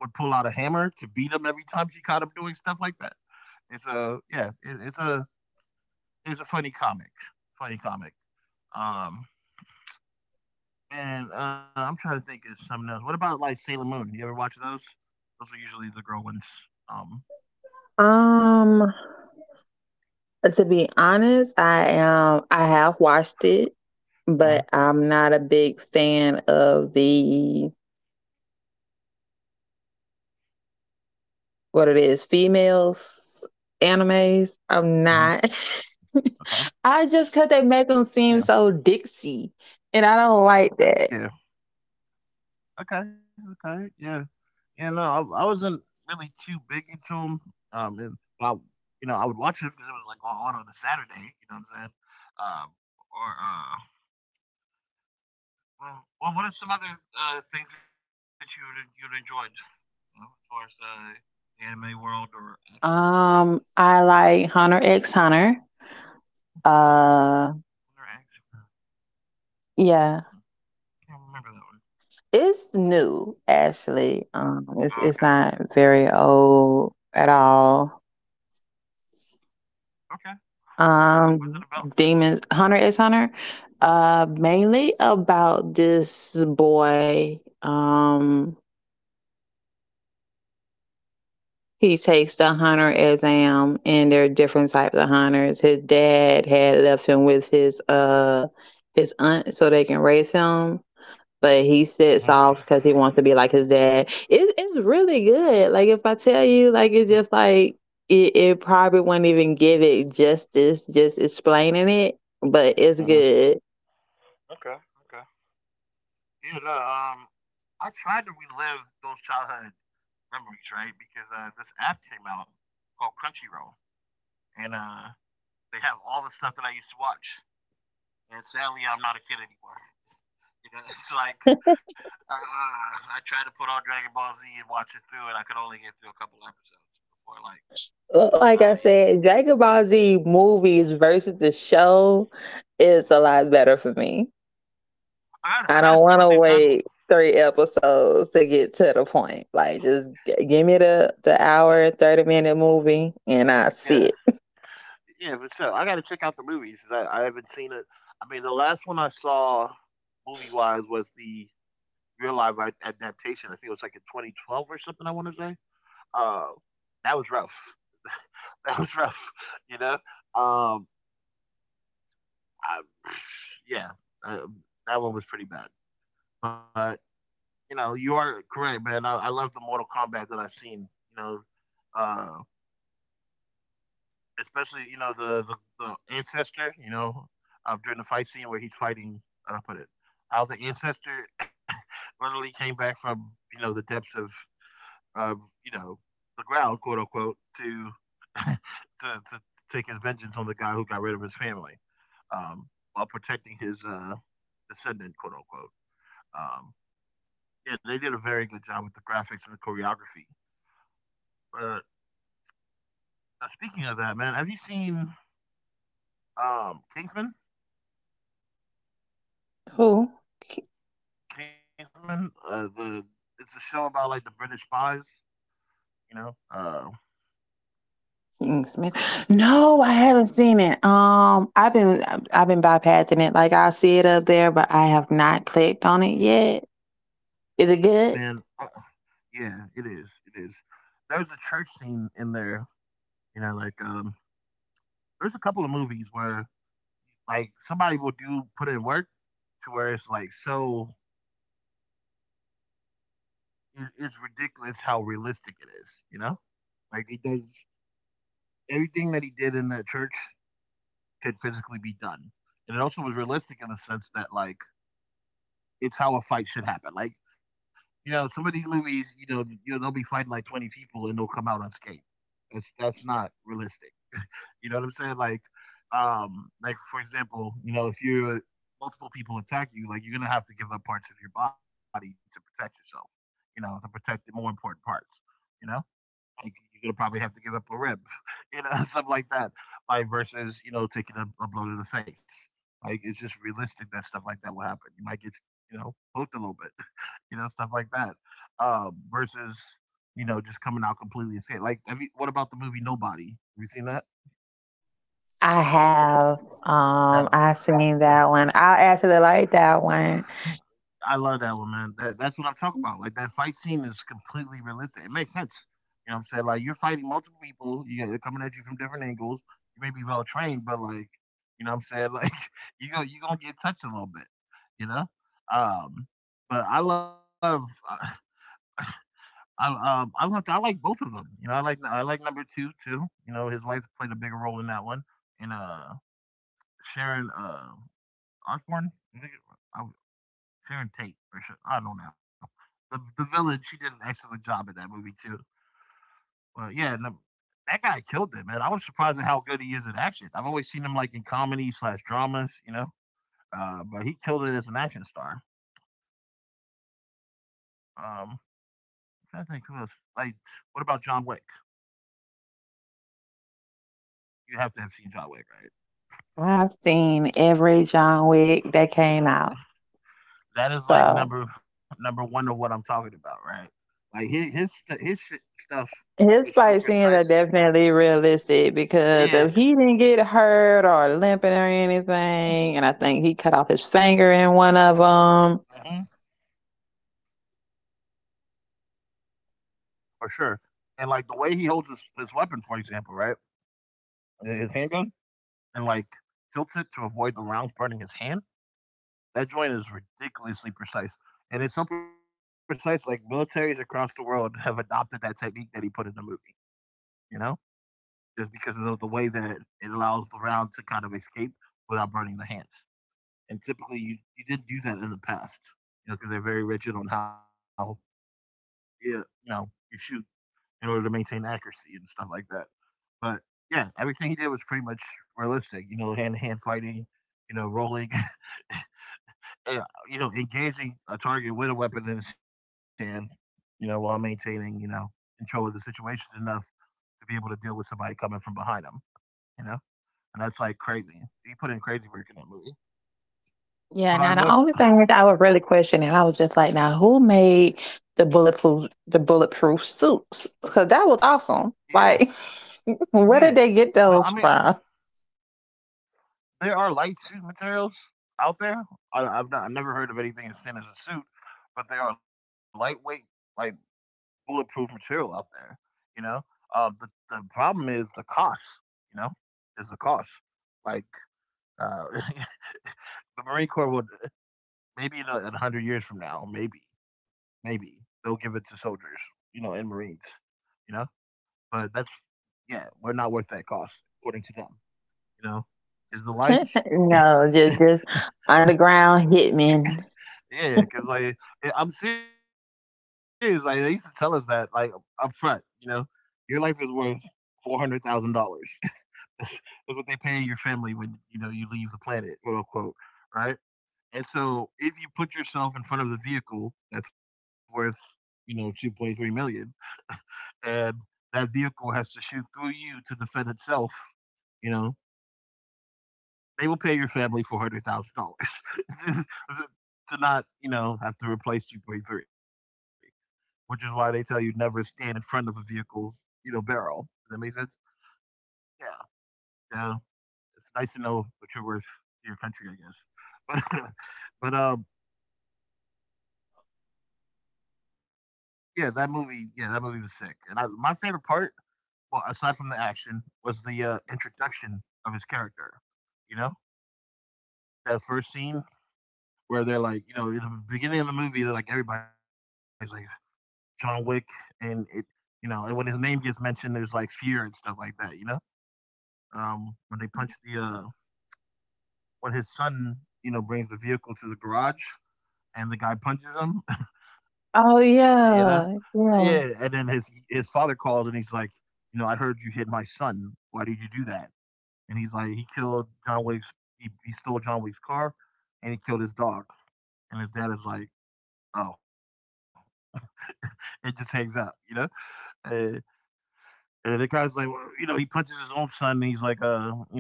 Speaker 1: would pull out a hammer to beat him every time she caught him doing stuff like that. It's a yeah. It, it's a it's a funny comic. Funny comic. Um, and uh, I'm trying to think of something else. What about like Sailor Moon? You ever watch those? Those are usually the girl ones. Um.
Speaker 2: Um, to be honest, I am I have watched it, but
Speaker 1: Uh-huh,
Speaker 2: I'm not a big fan of the, what it is, females
Speaker 1: uh-huh.
Speaker 2: animes. I'm not.
Speaker 1: Okay.
Speaker 2: I just cause they
Speaker 1: Yeah.
Speaker 2: make them seem so Dixie, and I don't
Speaker 1: Yeah.
Speaker 2: like that.
Speaker 1: Okay. Okay. Yeah. Yeah. No, I, I wasn't really too big into them. Um. And well, you know, I would watch it because it was like on on a Saturday. You know what I'm saying? Um. Or uh, Uh, well, what are some other uh, things that you, you'd enjoyed, you know, as far as uh, the anime world or action world goes?
Speaker 2: Um, I like Hunter X Hunter.
Speaker 1: Or
Speaker 2: Uh,
Speaker 1: action? I
Speaker 2: yeah,
Speaker 1: can't remember that one.
Speaker 2: it's new actually.
Speaker 1: Oh, okay.
Speaker 2: Um, it's it's not very old at all.
Speaker 1: Okay. What's it about?
Speaker 2: Um, Demons Hunter is Hunter. Uh, mainly about this boy. Um, he takes the hunter exam, and there are different types of hunters. His dad had left him with his uh his aunt so they can raise him, but he sits
Speaker 1: Hmm.
Speaker 2: off because he wants to be like his dad. It, it's really good. Like if I tell you, like it's just like it, it probably wouldn't even give it justice just explaining it, but it's
Speaker 1: Hmm.
Speaker 2: good.
Speaker 1: Okay. Okay. Yeah. No, um, I tried to relive those childhood memories, right? Because uh, this app came out called Crunchyroll, and uh, they have all the stuff that I used to watch. And sadly, I'm not a kid anymore. You know, it's like, uh, I tried to put on Dragon Ball Z and watch it through, and I could only get through a couple episodes before like, ah,
Speaker 2: Like
Speaker 1: uh,
Speaker 2: I
Speaker 1: yeah, yeah.
Speaker 2: said, Dragon Ball Z movies versus the show
Speaker 1: Hmm.
Speaker 2: is a lot better for me.
Speaker 1: I got I
Speaker 2: I
Speaker 1: gotta
Speaker 2: don't
Speaker 1: see
Speaker 2: want
Speaker 1: what
Speaker 2: to
Speaker 1: they've done. With.
Speaker 2: wait three episodes to get to the point. Like just g- give me the the hour thirty minute movie and I
Speaker 1: Yeah,
Speaker 2: see it.
Speaker 1: yeah, for sure. I gotta check out the movies. I, I haven't seen it. I mean, the last one I saw movie wise was the real life adaptation. I think it was like in twenty twelve or something. I want to say. Uh, that was rough. That was rough. You know. Um, I, yeah, I, that one was pretty bad. But you know, you are correct, man. I, I love the Mortal Kombat that I've seen. You know, uh, especially you know the, the the ancestor. You know, um, during the fight scene where he's fighting, how do I put it? How the ancestor literally came back from, you know, the depths of of you know, the ground, quote unquote, to to to take his vengeance on the guy who got rid of his family, um, while protecting his uh descendant, quote unquote. Um, yeah, they did a very good job with the graphics and the choreography. But uh, speaking of that, man, have you seen um Kingsman?
Speaker 2: Who?
Speaker 1: Kingsman, uh, the it's a show about like the British spies. You know, uh,
Speaker 2: Kingsman. No, I haven't seen it. Um, I've been I've been bypassing it. Like I see it up there, but I have not clicked on it yet. Is it
Speaker 1: man,
Speaker 2: good?
Speaker 1: uh, yeah, it is, it is. There's a church scene in there. You know, like um, there's a couple of movies where like somebody will do put in work to where it's like so, it, it's ridiculous how realistic it is. You know, like he does everything that he did in that church could physically be done, and it also was realistic in the sense that like it's how a fight should happen. Like, you know, some of these movies, you know, you know, they'll be fighting like twenty people and they'll come out unscathed. That's that's not realistic. You know what I'm saying? Like, um, like for example, you know, if you multiple people attack you, like you're gonna have to give up parts of your body to protect yourself. You know, to protect the more important parts. You know, like you're gonna probably have to give up a rib, you know, something like that. Like versus, you know, taking a, a blow to the face. Like it's just realistic that stuff like that will happen. You might get, you know, hooked a little bit, you know, stuff like that. Um, versus, you know, just coming out completely insane. Like, have you, what about the movie Nobody? Have you seen that?
Speaker 2: I have.
Speaker 1: That
Speaker 2: Um, I've seen that one. I actually like that one.
Speaker 1: Mm, I love that one, man. That, that's what I'm talking about. Like that fight scene is completely realistic. It makes sense. You know what I'm saying? Like you're fighting multiple people. You They're coming at you from different angles. You may be well trained, but like, you know what I'm saying? Like you go you gonna get touched a little bit. You know. Um, but I love I I, um I love I like both of them. You know, I like I like number two too. You know, his wife played a bigger role in that one, and uh Sharon uh Osborne. I think it- I Sharon Tate or so, I don't know. The the villain, she did an excellent job in that movie too. But yeah, and the- That guy killed it, man. I was surprised at how good he is in action. I've always seen him like in comedy slash dramas, you know. Uh, but he killed it as an action star. Um, I think who else? Like, what about John Wick? You have to have seen John Wick, right?
Speaker 2: I've seen every John Wick that came out.
Speaker 1: That is like
Speaker 2: So
Speaker 1: number number one of what I'm talking about, right? Like his his his stuff is
Speaker 2: his
Speaker 1: so
Speaker 2: fight
Speaker 1: precise.
Speaker 2: scenes are definitely realistic because
Speaker 1: Yeah.
Speaker 2: if he didn't get hurt or limping or anything, and I think he cut off his finger in one of them.
Speaker 1: Uh huh. For sure. And like the way he holds his, his weapon, for example, right, his handgun, and like tilts it to avoid the rounds burning his hand. That joint is ridiculously precise, and it's so precise. Like militaries across the world have adopted that technique that he put in the movie. You know, just because of the way that it allows the round to kind of escape without burning the hands. And typically, you you didn't do that in the past, you know, because they're very rigid on how you, you know you shoot in order to maintain accuracy and stuff like that. But, yeah, everything he did was pretty much realistic, you know, hand-to-hand fighting, you know, rolling, yeah, you know, engaging a target with a weapon in his hand, you know, while maintaining, you know, control of the situation enough to be able to deal with somebody coming from behind him, you know? And that's, like, crazy. He put in crazy work in that movie.
Speaker 2: Yeah,
Speaker 1: But
Speaker 2: now
Speaker 1: I
Speaker 2: the
Speaker 1: love
Speaker 2: only thing that I was really questioning, I was just like, now who made the bulletproof the bulletproof suits? Because that was
Speaker 1: Yeah,
Speaker 2: awesome. Like,
Speaker 1: yeah.
Speaker 2: where did they
Speaker 1: No, I
Speaker 2: get
Speaker 1: mean,
Speaker 2: those from?
Speaker 1: there are light suit materials out there. I I've not I've never heard of anything as thin as a suit, but they are lightweight, like, bulletproof material out there. You know, um, the the problem is the cost. You know, is the cost. Like uh, the Marine Corps would maybe in a hundred years from now, maybe maybe they'll give it to soldiers. You know, and Marines. You know, but that's yeah, we're not worth that cost according to them. You know, because the life.
Speaker 2: no, just just underground hitmen.
Speaker 1: Yeah, because like eh, I'm serious. Like they used to tell us that like up front. You know, your life is worth four hundred thousand dollars. Is what they pay your family when you know you leave the planet, quote unquote, right? And so, if you put yourself in front of the vehicle that's worth you know two point three million, and that vehicle has to shoot through you to defend itself, you know they will pay your family four hundred thousand dollars to not you know have to replace two point three, which is why they tell you never stand in front of a vehicle's you know barrel. Does that make sense? Yeah. Yeah. It's nice to know what you're worth to your country, I guess. But but um, yeah, that movie, yeah, that movie was sick. And I, my favorite part, well, aside from the action, was the uh, introduction of his character. You know, that first scene where they're like, you know, in the beginning of the movie, they're like everybody's like John Wick, and it, you know, and when his name gets mentioned, there's like fear and stuff like that. You know, um, when they punch the uh, when his son, you know, brings the vehicle to the garage and the guy punches him. You
Speaker 2: Oh
Speaker 1: know? Yeah,
Speaker 2: yeah,
Speaker 1: and then his
Speaker 2: yeah,
Speaker 1: his father calls and he's like, you know, I heard you hit my son. Why did you do that? And he's like, he killed John Wick's. He, he stole John Wick's car, and he killed his dog. And his dad is like, oh, it just hangs up, you know. Uh, and the guy's like, well, you know, he punches his own son, and he's like, uh, you know,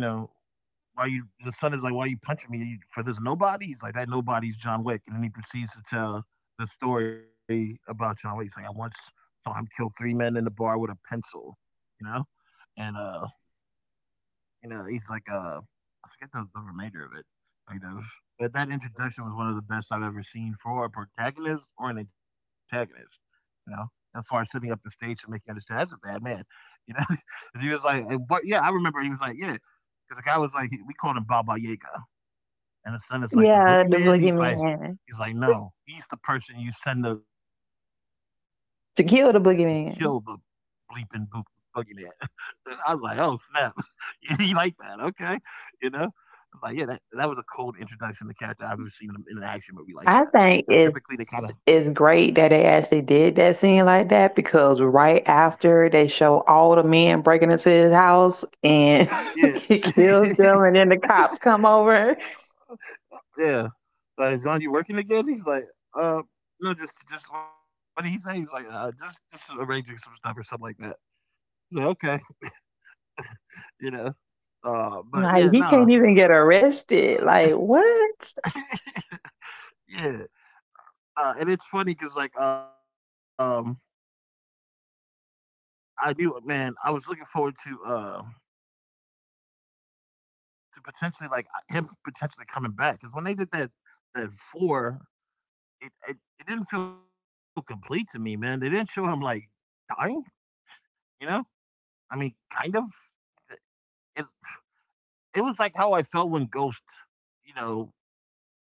Speaker 1: why you the son is like why are you punching me for this nobody. He's like, that nobody's John Wick. And then he proceeds to tell the story about John Wick. He's like, I once saw him kill three men in the bar with a pencil, you know. And uh You know, he's like, uh, I forget the, the remainder of it. I know, but that introduction was one of the best I've ever seen for a protagonist or an antagonist. You know, as far as setting up the stage to make you understand, that's a bad man. You know, 'cause he was like, and- but yeah, I remember he was like, yeah, because the guy was like, he- we called him Baba Yaga, and the son is like the
Speaker 2: yeah. The
Speaker 1: boogeyman. He's like,
Speaker 2: boogeyman.
Speaker 1: he's like, no, he's the person you send to kill the bleeping boog-
Speaker 2: To kill the
Speaker 1: boogeyman.
Speaker 2: boogeyman.
Speaker 1: And I was like, "Oh snap, you like that? Okay, you know." I was like, "Yeah, that that was a cold introduction to character I've ever seen in, a, in an action movie like that." Now, typically
Speaker 2: I
Speaker 1: they kind of,
Speaker 2: think it's it's great that they actually did that scene like that because
Speaker 1: uh,
Speaker 2: right after they show all the men breaking into his house and
Speaker 1: yeah,
Speaker 2: he kills them, and then the cops come over.
Speaker 1: yeah. Like, John, you working again? He's like, "Uh, no, just just what did he say?" He's like, "Uh, just just arranging some stuff or something like that." I was like, "Okay, you know." Uh, but yeah,
Speaker 2: Like he
Speaker 1: no,
Speaker 2: can't even get arrested. Like what?
Speaker 1: uh, yeah, uh, and it's funny because like um I knew, uh, man. I was looking forward to uh to potentially like him potentially coming back because when they did that that four, it, it it didn't feel complete to me, man. They didn't show him like dying, you know. I mean, kind of. It it was like how I felt when Ghost, you know,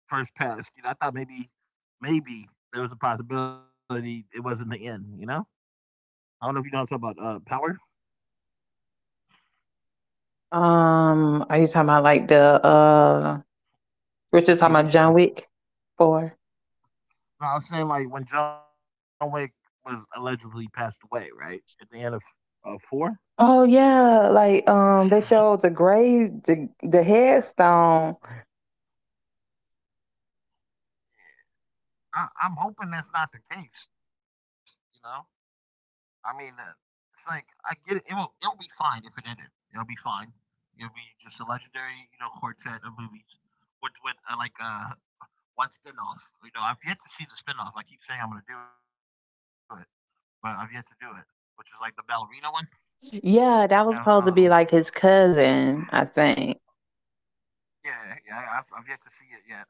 Speaker 1: first passed. You know, I thought maybe maybe there was a possibility it wasn't the end. You know, I don't know if you know what I'm talking about. Uh, Power,
Speaker 2: Um are you talking about like the uh we're just
Speaker 1: the
Speaker 2: talking about
Speaker 1: T V
Speaker 2: John
Speaker 1: show.
Speaker 2: Wick four?
Speaker 1: No, I'm saying like when John Wick was allegedly passed away, right at the end of uh, four.
Speaker 2: Oh yeah, like um they showed the grave, the the headstone.
Speaker 1: I, I'm hoping that's not the case. You know, I mean, uh, it's like I get it. It will. It'll be fine if it ended. It'll be fine. It'll be just a legendary, you know, quartet of movies, which with uh, like uh one spinoff. You know, I've yet to see the spinoff. I keep saying I'm gonna do it, but I've yet to do it, which is like the ballerina one. You know,
Speaker 2: Yeah, that was
Speaker 1: um,
Speaker 2: supposed to be like his cousin, I think.
Speaker 1: yeah, yeah, I've, I've yet to see it yet.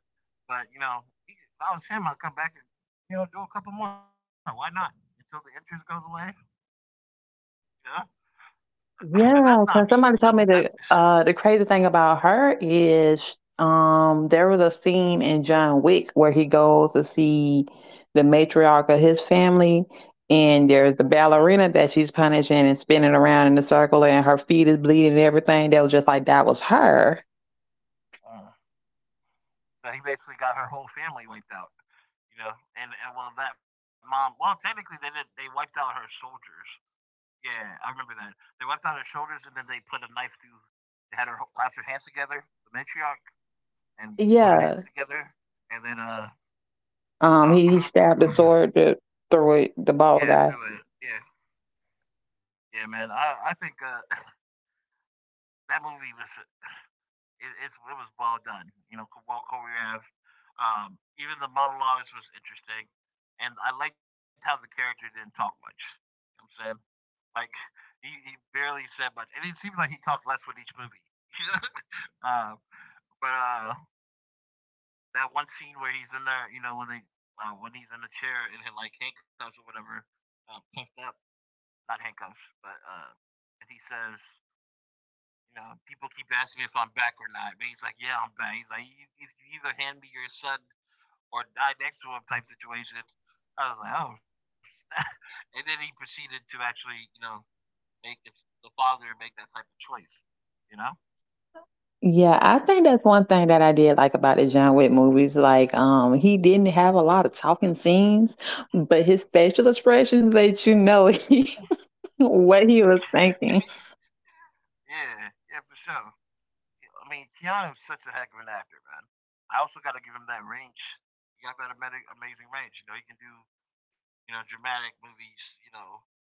Speaker 1: But you know, if I was him, I'd come back and you know do a couple more. Why not? Until the interest goes away. You know, but that's
Speaker 2: Yeah,
Speaker 1: not
Speaker 2: because
Speaker 1: me. You
Speaker 2: somebody
Speaker 1: know,
Speaker 2: told me
Speaker 1: that's
Speaker 2: the uh the crazy thing about her is um there was a scene in John Wick where he goes to see the matriarch of his family, and there's the
Speaker 1: uh-huh.
Speaker 2: ballerina that she's punishing and spinning around in the circle, and her feet is bleeding and everything. They was just like, that was her.
Speaker 1: uh But he basically got her whole family wiped out. You know, and, and well, that mom. Well, technically, they did. They wiped out her soldiers. Yeah, I remember that. They wiped out her shoulders, and then they put a knife through. They had her ho- clap her hands together, the matriarch, and put her
Speaker 2: Yeah.
Speaker 1: hands together, and then uh,
Speaker 2: Um he, he stabbed the
Speaker 1: uh
Speaker 2: sword that through it, the
Speaker 1: yeah,
Speaker 2: bald
Speaker 1: through it.
Speaker 2: guy.
Speaker 1: Yeah, yeah, man. I I think uh that movie was it, it's, it was well done. You know, well choreographed. Um, even the monologues was interesting, and I liked how the character didn't talk much. You know what I'm saying? like he, he barely said much, and it seems like he talked less with each movie. uh, but uh, that one scene where he's in there, you know, when they uh, when he's in the chair and in like handcuffs or whatever, uh, puffed up, not handcuffs, but uh, and he says, you know, people keep asking me if I'm back or not. But he's like, yeah, I'm back. He's like, you, you either hand me your son or die next to him type situation. I was like, oh. And then he proceeded to actually, you know, make his, the father make that type of choice, you know?
Speaker 2: Yeah, I
Speaker 1: Um,
Speaker 2: think that's one thing that I did like about the John Wick movies. Like, um, he didn't have a lot of talking scenes, but his facial expressions let you know he, what he was thinking.
Speaker 1: yeah, yeah, for sure. I mean, Keanu's such a heck of an actor, man. I also got to give him that range. He got that amazing range. You know, he can do, you know, dramatic movies, you know,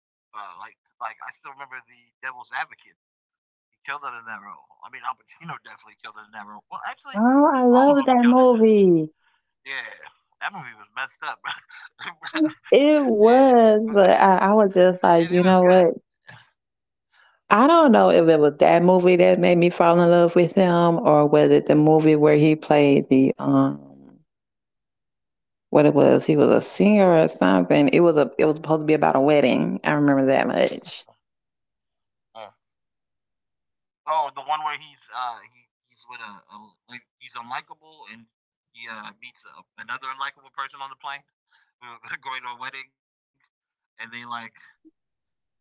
Speaker 1: Uh, like like I still remember the Devil's Advocate. He killed it in that role. I mean, Al Pacino definitely killed it in that role. Well, actually,
Speaker 2: Oh, I
Speaker 1: all
Speaker 2: love
Speaker 1: of them
Speaker 2: that
Speaker 1: killed it.
Speaker 2: movie.
Speaker 1: Yeah, that movie was messed up.
Speaker 2: It
Speaker 1: Yeah,
Speaker 2: was,
Speaker 1: but
Speaker 2: but I, I was just like,
Speaker 1: it, it
Speaker 2: you
Speaker 1: was
Speaker 2: know
Speaker 1: good.
Speaker 2: what? I don't know if it was that movie that made me fall in love with him, or was it the movie where he played the um what it was. He was a singer or something. It was a it was supposed to be about a wedding. I remember that much.
Speaker 1: Uh, oh, the one where he's uh he he's with a, a like he's unlikable and he uh meets a, another unlikable person on the plane. We were going to a wedding and they like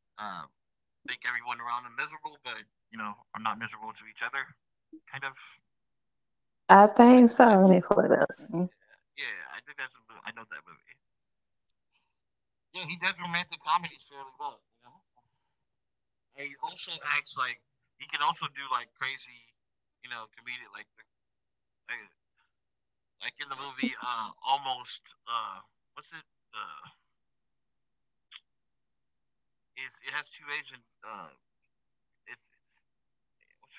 Speaker 1: uh make everyone around them miserable, but you know are not miserable to each other. Kind of.
Speaker 2: I think
Speaker 1: I think
Speaker 2: so. Let
Speaker 1: I,
Speaker 2: me pull it up.
Speaker 1: yeah, I think that's a movie. I know that movie. Yeah, he does romantic comedies fairly well. You know, and he also acts like he can also do like crazy, you know, comedic like like, like in the movie uh almost uh what's it uh is it has two Asian uh it's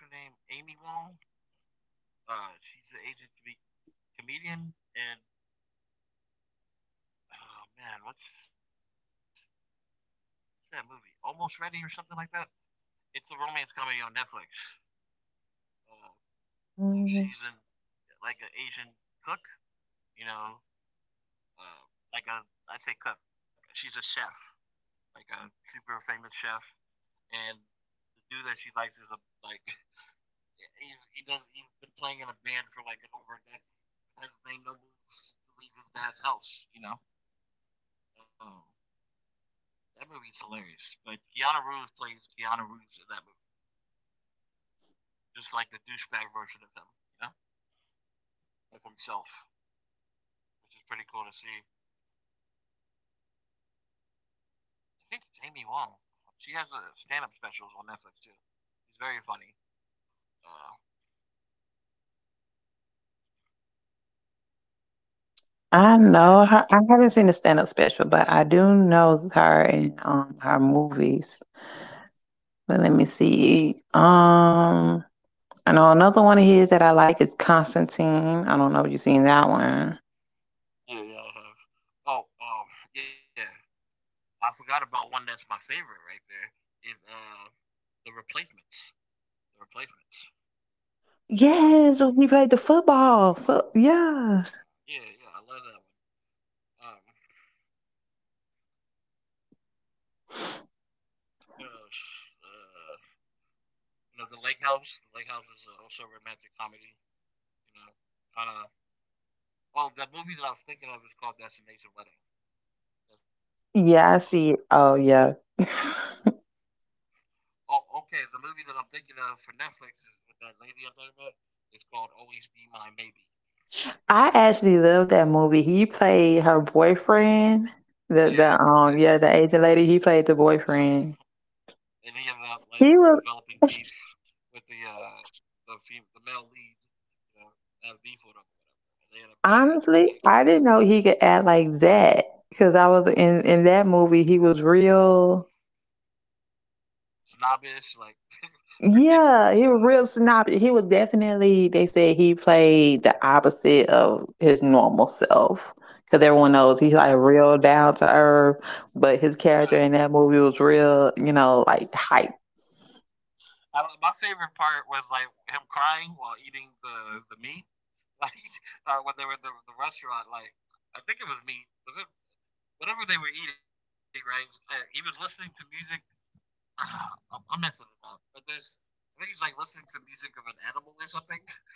Speaker 1: what's her name Amy Wong uh she's an Asian com- comedian and oh man what's what's that movie Almost Ready or something like that, it's a romance comedy on Netflix. Uh, Uh, she's
Speaker 2: Mm,
Speaker 1: an, like an Asian cook, you know, uh, like a I say cook. She's a chef, like a super famous chef, and the dude that she likes is a like he's he does he's been playing in a band for like an over a decade. Has made no moves to leave his dad's house, you know. Um, that movie's hilarious. But Keanu Reeves plays Keanu Reeves in that movie, just like the douchebag version of him, you know, of himself, which is pretty cool to see. I think it's Amy Wong. She has a stand-up specials on Netflix too. She's very funny. Uh,
Speaker 2: I know her. I
Speaker 1: I-
Speaker 2: haven't seen the stand up special, but I do know her in um, her movies. But let me see. Um, I know another one of his that I like is Constantine. I don't know if you've seen that one.
Speaker 1: yeah, yeah, I have. Oh, um, yeah. I forgot about one that's my favorite right there. Is uh the replacements. The replacements. You know?
Speaker 2: Yes, when he played the football. Foot, yeah.
Speaker 1: Yeah, yeah, I love that one. Um, what else? Uh, you know, the Lake House. The Lake House is also a romantic comedy. You know, kind of. Well, the movie that I was thinking of is called Destination Wedding. That's what it's called.
Speaker 2: Yeah, I see. Oh, yeah.
Speaker 1: Oh, okay. The movie that I'm thinking of for Netflix is with that lady I'm talking about. It's called Always Be My Maybe.
Speaker 2: I actually love that movie. He played her boyfriend. The the
Speaker 1: Yeah,
Speaker 2: um yeah the Asian lady. He played the boyfriend.
Speaker 1: and he ended up like
Speaker 2: He was
Speaker 1: developing beef with the uh the fem- the male lead, you know, had beef with him or whatever, and they ended up fighting
Speaker 2: honestly
Speaker 1: like
Speaker 2: I didn't know he could act like that because I was in in that movie. He was real.
Speaker 1: snobbish, like ridiculous,
Speaker 2: Yeah,
Speaker 1: like
Speaker 2: he was real
Speaker 1: yeah,
Speaker 2: snobby. He was definitely, they said he played the opposite of his normal self. Because everyone knows
Speaker 1: yeah,
Speaker 2: he's like real down to earth, but his
Speaker 1: yeah.
Speaker 2: character in that movie was real, you know, like hype.
Speaker 1: I, don't- my favorite part was like him crying while eating the the meat, like uh, when they were at the, the restaurant, like. I think it was meat. Was it whatever they were eating, right? Uh, he was listening to music. Ah, I'm messing it up, but there's I think he's like listening to music of an animal or something,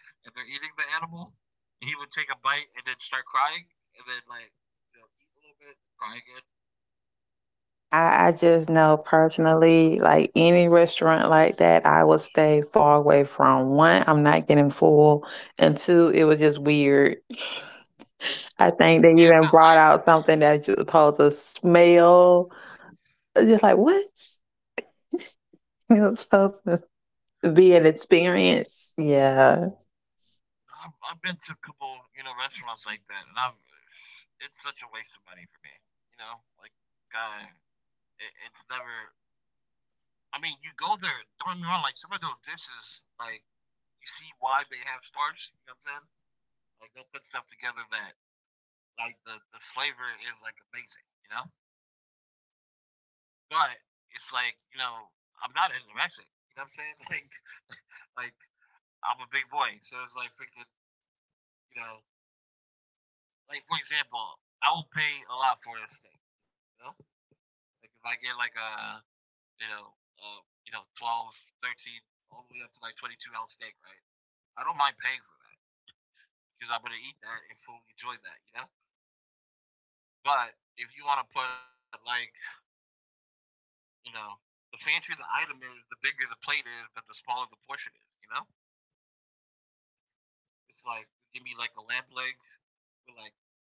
Speaker 1: and they're eating the animal. And he would take a bite and then start crying, and then like you know eat a little bit, and cry again. Uh,
Speaker 2: I, I
Speaker 1: that
Speaker 2: just
Speaker 1: joint was
Speaker 2: know
Speaker 1: hilarious.
Speaker 2: personally, like any restaurant like that, I would stay far away from. One, I'm not getting full, and two, it was just weird. I think
Speaker 1: Yeah,
Speaker 2: they
Speaker 1: no,
Speaker 2: even
Speaker 1: I
Speaker 2: brought out something that you're supposed to smell. It's just like what? You know, so be an experience. Yeah.
Speaker 1: I've, I've been to a couple you know restaurants like that, and I've it's such a waste of money for me. You know, like I it, it's never. I mean, you go there. Don't get me wrong. Like some of those dishes, like you see why they have stars. You know what I'm saying? Like they'll put stuff together that like the the flavor is like amazing. You know, but it's like you know I'm not anorexic. You know what I'm saying? Like like I'm a big boy, so it's like freaking you know like for example I will pay a lot for a steak. You know, like if I get like a you know uh, you know twelve, thirteen all the way up to like twenty-two ounce steak, right? I don't mind paying for that because I'm gonna eat that and fully enjoy that. You know, but if you want to put like you know, the fancier the item is, the bigger the plate is, but the smaller the portion is. You know, it's like give me like a lamb leg with like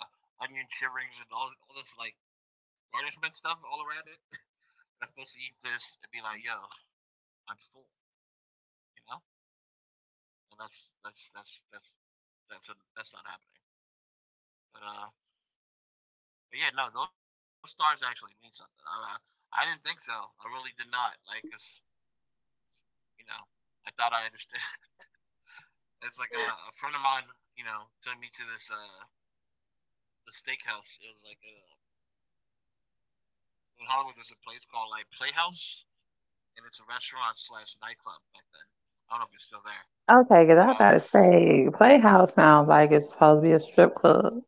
Speaker 1: uh, onion shiverings and all all this like garnishment stuff all around it. And I'm supposed to eat this and be like, yo, I'm full. You know, and that's that's that's that's that's a, that's not happening. But uh, but yeah, no, those stars actually mean something. I, I I didn't think so. I really did not. Like, 'cause, you know, I thought I understood. It's like uh, a friend of mine, you know, took me to this uh the steakhouse. It was like uh, in Hollywood. There's a place called like Playhouse, and it's a restaurant slash nightclub back then. I don't know if it's still there,
Speaker 2: Okay, because I'm about to
Speaker 1: but uh,
Speaker 2: say, Playhouse sounds like it's supposed to be a strip club.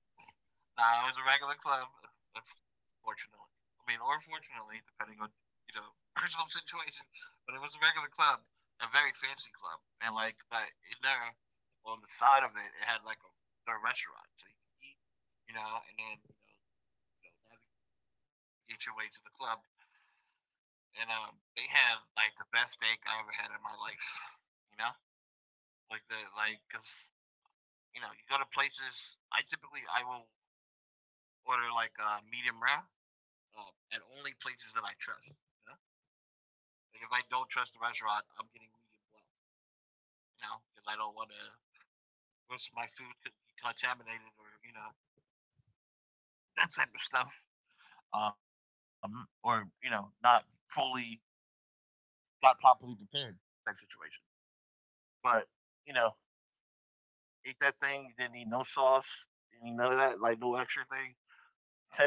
Speaker 1: nah, it was a regular club. Unfortunately, I mean, or fortunately, depending on you know personal situation. But it was a regular club, a very fancy club, and like but in there on the side of it, it had like a, a restaurant, so you could eat, you know, and then you know navigate your way to the club and um, they had like the best steak I ever had in my life. You know, like the like because you know you go to places. I typically I will order like a uh, medium rare uh, at only places that I trust. You know, like if I don't trust the restaurant, I'm getting medium well. You know, because I don't want to risk my food could be contaminated or you know that type of stuff. Um, or you know, not fully, not properly prepared type situation. But you know, ate that thing. Didn't need no sauce. Didn't need none of that. Like no extra thing.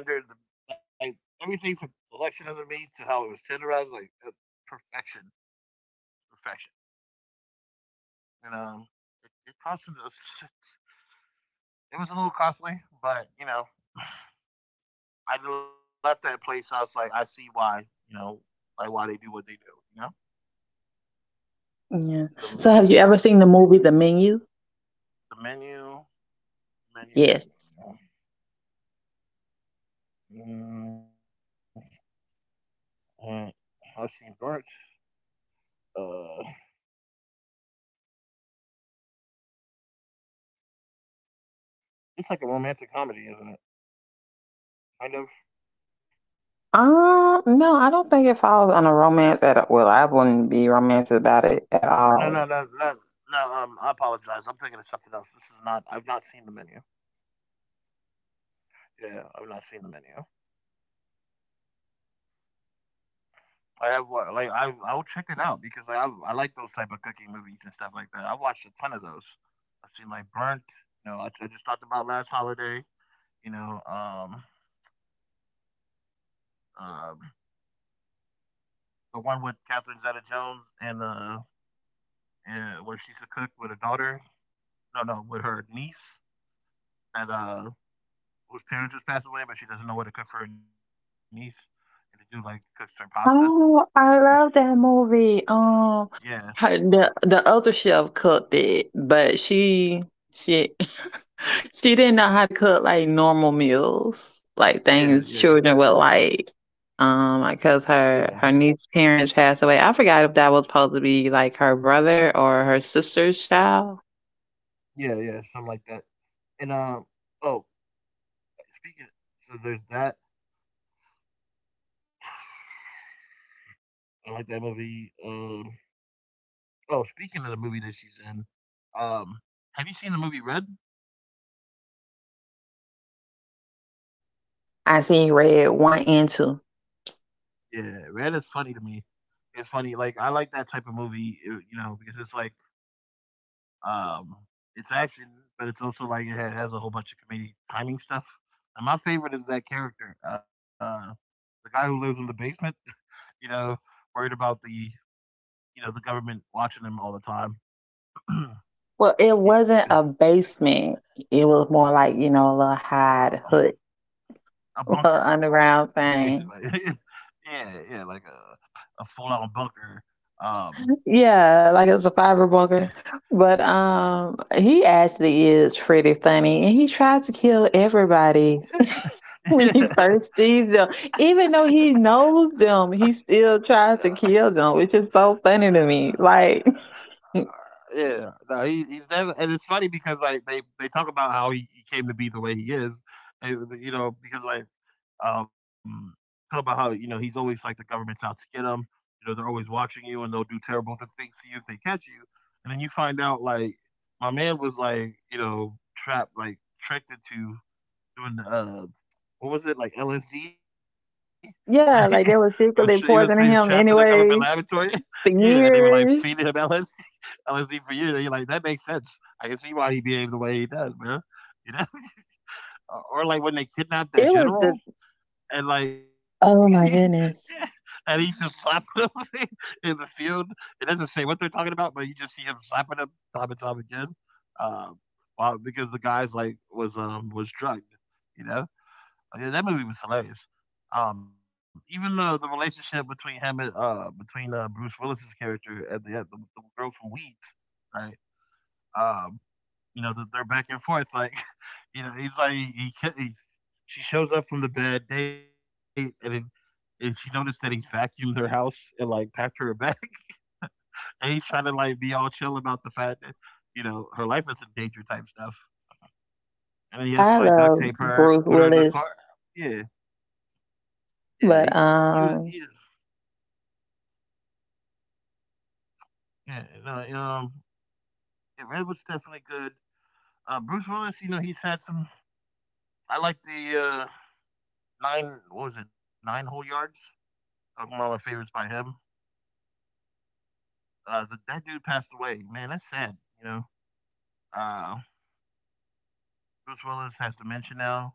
Speaker 1: Tender, the, like everything from selection of the meat to how it was tenderized, like uh, perfection, perfection. And um, it, it costed us. It was a little costly, but you know, I left that place. I was like, I see why. You know, like why they do what they do. You know,
Speaker 2: Yeah.
Speaker 1: um,
Speaker 2: So have you
Speaker 1: yeah,
Speaker 2: ever seen the movie The Menu?
Speaker 1: the menu, menu, menu,
Speaker 2: Yes.
Speaker 1: menu. Menu. Mm, uh, I've seen Burnt. Uh, it's like a romantic comedy, isn't it? Kind of.
Speaker 2: Um, no, I don't think it falls on a romance at all. Well, I wouldn't be romantic about it
Speaker 1: No,
Speaker 2: at
Speaker 1: no, no,
Speaker 2: all.
Speaker 1: no, no. Um, I apologize. I'm thinking of something else. This is not. I've not seen the menu. Yeah, I've not seen the menu. I have what? Like I, I will check it out because like, I, I like those type of cooking movies and stuff like that. I've watched a ton of those. I've seen like Burnt. You know, I, I just talked about last holiday. You know, um, um, the one with Catherine Zeta-Jones and the and where she's a cook with her daughter. No, no, with her niece. That uh, whose parents just passed away, but she doesn't know what to cook for her niece, and to do like cooks her pasta. And
Speaker 2: Oh,
Speaker 1: she,
Speaker 2: I love that movie.
Speaker 1: yeah,
Speaker 2: Um, her, the the other chef cooked it, but she she she didn't know how to cook like normal meals, like
Speaker 1: yeah, yeah,
Speaker 2: things children would like. Um,
Speaker 1: yeah,
Speaker 2: because her her niece's parents passed away. I forgot if that was supposed to be like her brother or her sister's child.
Speaker 1: yeah, yeah, something like that. And uh, oh, speaking, so there's that. I like that movie. Um, oh, speaking of the movie that she's in, um, have you seen the movie Red?
Speaker 2: I seen you read one and two.
Speaker 1: Yeah, Red is funny to me. It's funny. Like I like that type of movie, you know, because it's like Um, it's action, but it's also like it ha- has a whole bunch of comedic timing stuff. And my favorite is that character, uh, the guy who lives in the basement. You know, worried about the you know the government watching him all the time.
Speaker 2: Well, it
Speaker 1: he,
Speaker 2: wasn't a basement. It was more like, you know, a little hide
Speaker 1: uh,
Speaker 2: hood,
Speaker 1: a
Speaker 2: a little
Speaker 1: bunker, basically.
Speaker 2: underground thing.
Speaker 1: Yeah, yeah, like a a full on bunker. Um,
Speaker 2: Yeah, like it's a fiber bunker. But um he actually is pretty funny and he tries to kill everybody.
Speaker 1: yeah.
Speaker 2: when he first sees them. Even though he knows them, he still tries to kill them, which is so funny to me. Like,
Speaker 1: Yeah, no, he, he's never, and it's funny because like they they talk about how he, he came to be the way he is, and you know because like um talk about how you know he's always like the government's out to get him, you know they're always watching you and they'll do terrible th- things to you if they catch you, and then you find out like my man was like you know trapped like tricked into doing uh, what was it like L S D? Like he was
Speaker 2: yeah, like
Speaker 1: he
Speaker 2: they
Speaker 1: was
Speaker 2: were
Speaker 1: he was
Speaker 2: secretly
Speaker 1: trapped in a
Speaker 2: poisoning
Speaker 1: government
Speaker 2: him
Speaker 1: laboratory.
Speaker 2: anyway
Speaker 1: yeah, and they
Speaker 2: for
Speaker 1: were like feeding him
Speaker 2: years.
Speaker 1: L S D, L S D for years. And you're like, that makes sense. I can see why he behaved the way he does, man. You know, or, or like
Speaker 2: It
Speaker 1: when they
Speaker 2: was just,
Speaker 1: kidnapped that general and like
Speaker 2: oh my goodness.
Speaker 1: and he's just slapping him in the field. It doesn't say what they're talking about, but you just see him slapping him time and time again. Um, while because the guy's like was um was drugged, you know. Oh, yeah, that movie was hilarious. Um, even the the relationship between him and uh between uh Bruce Willis's character and the, uh, the the girl from Weeds, right? Um, you know, the, they're back and forth. Like, you know, he's like he, he, he she shows up from the bad date and then and she noticed that he's vacuumed her house and like packed her a bag, and he's trying to like be all chill about the fact that you know her life is in danger type stuff, and then he has to
Speaker 2: I
Speaker 1: like duct tape
Speaker 2: love
Speaker 1: her,
Speaker 2: Bruce
Speaker 1: put her in the car.
Speaker 2: Willis,
Speaker 1: Yeah, yeah he, he was
Speaker 2: but
Speaker 1: he,
Speaker 2: um,
Speaker 1: yeah, no, um, yeah, Redwood's definitely good. Uh, Bruce Willis, you know, he's had some. I like the uh, nine. What was it? Nine whole yards. That was one of my favorites by him. Uh, the, that dude passed away. Man, that's sad. You know, uh, Bruce Willis has dementia now,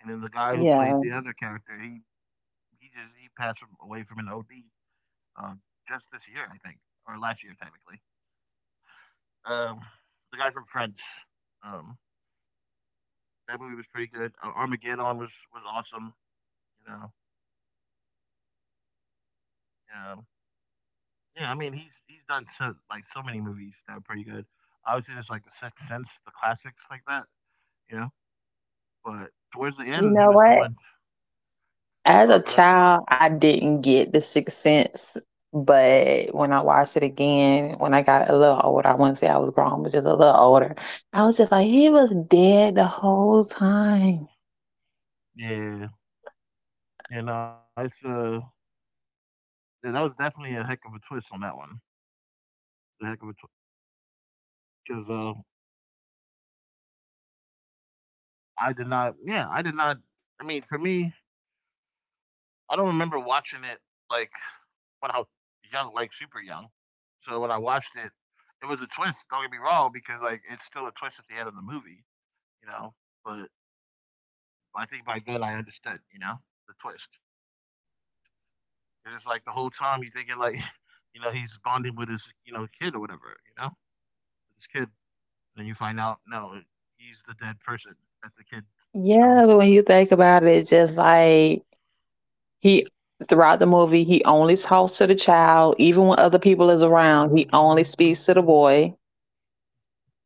Speaker 1: and then the guy who played
Speaker 2: yeah.
Speaker 1: the other character, he he just he passed from- away from an O D, uh, just this year, I think, or last year technically. Um, the guy from Friends. Um, that movie was pretty good. Uh, Armageddon was was awesome. You know, Um, yeah, I mean, he's he's done so like so many movies that are pretty good. Obviously, there's like The Sixth Sense, the classics like that, you know. But towards the end,
Speaker 2: You
Speaker 1: he was
Speaker 2: know
Speaker 1: doing.
Speaker 2: what?
Speaker 1: Oh, go
Speaker 2: As a
Speaker 1: ahead.
Speaker 2: child, I didn't get the sixth sense, but when I watched it again, when I got a little older, I wouldn't say I was grown, but just a little older, I was just like, he was dead the whole time.
Speaker 1: Yeah, yeah, no, it's uh, yeah, that was definitely a heck of a twist on that one. The heck of a twist because uh, I did not. Yeah, I did not. I mean, for me, I don't remember watching it like when I was young, like super young. So when I watched it, it was a twist. Don't get me wrong, because like it's still a twist at the end of the movie. You know. But I think by then I understood, you know, the twist. It is like the whole time you thinking like, you know, he's bonding with his, you know, kid or whatever, you know, with his kid. Then you find out, no, he's the dead person that the kid, you know.
Speaker 2: Yeah, but when you think about it, it's just like he throughout the movie, he only talks to the child, even when other people is around, he only speaks to the boy.
Speaker 1: Mm-hmm.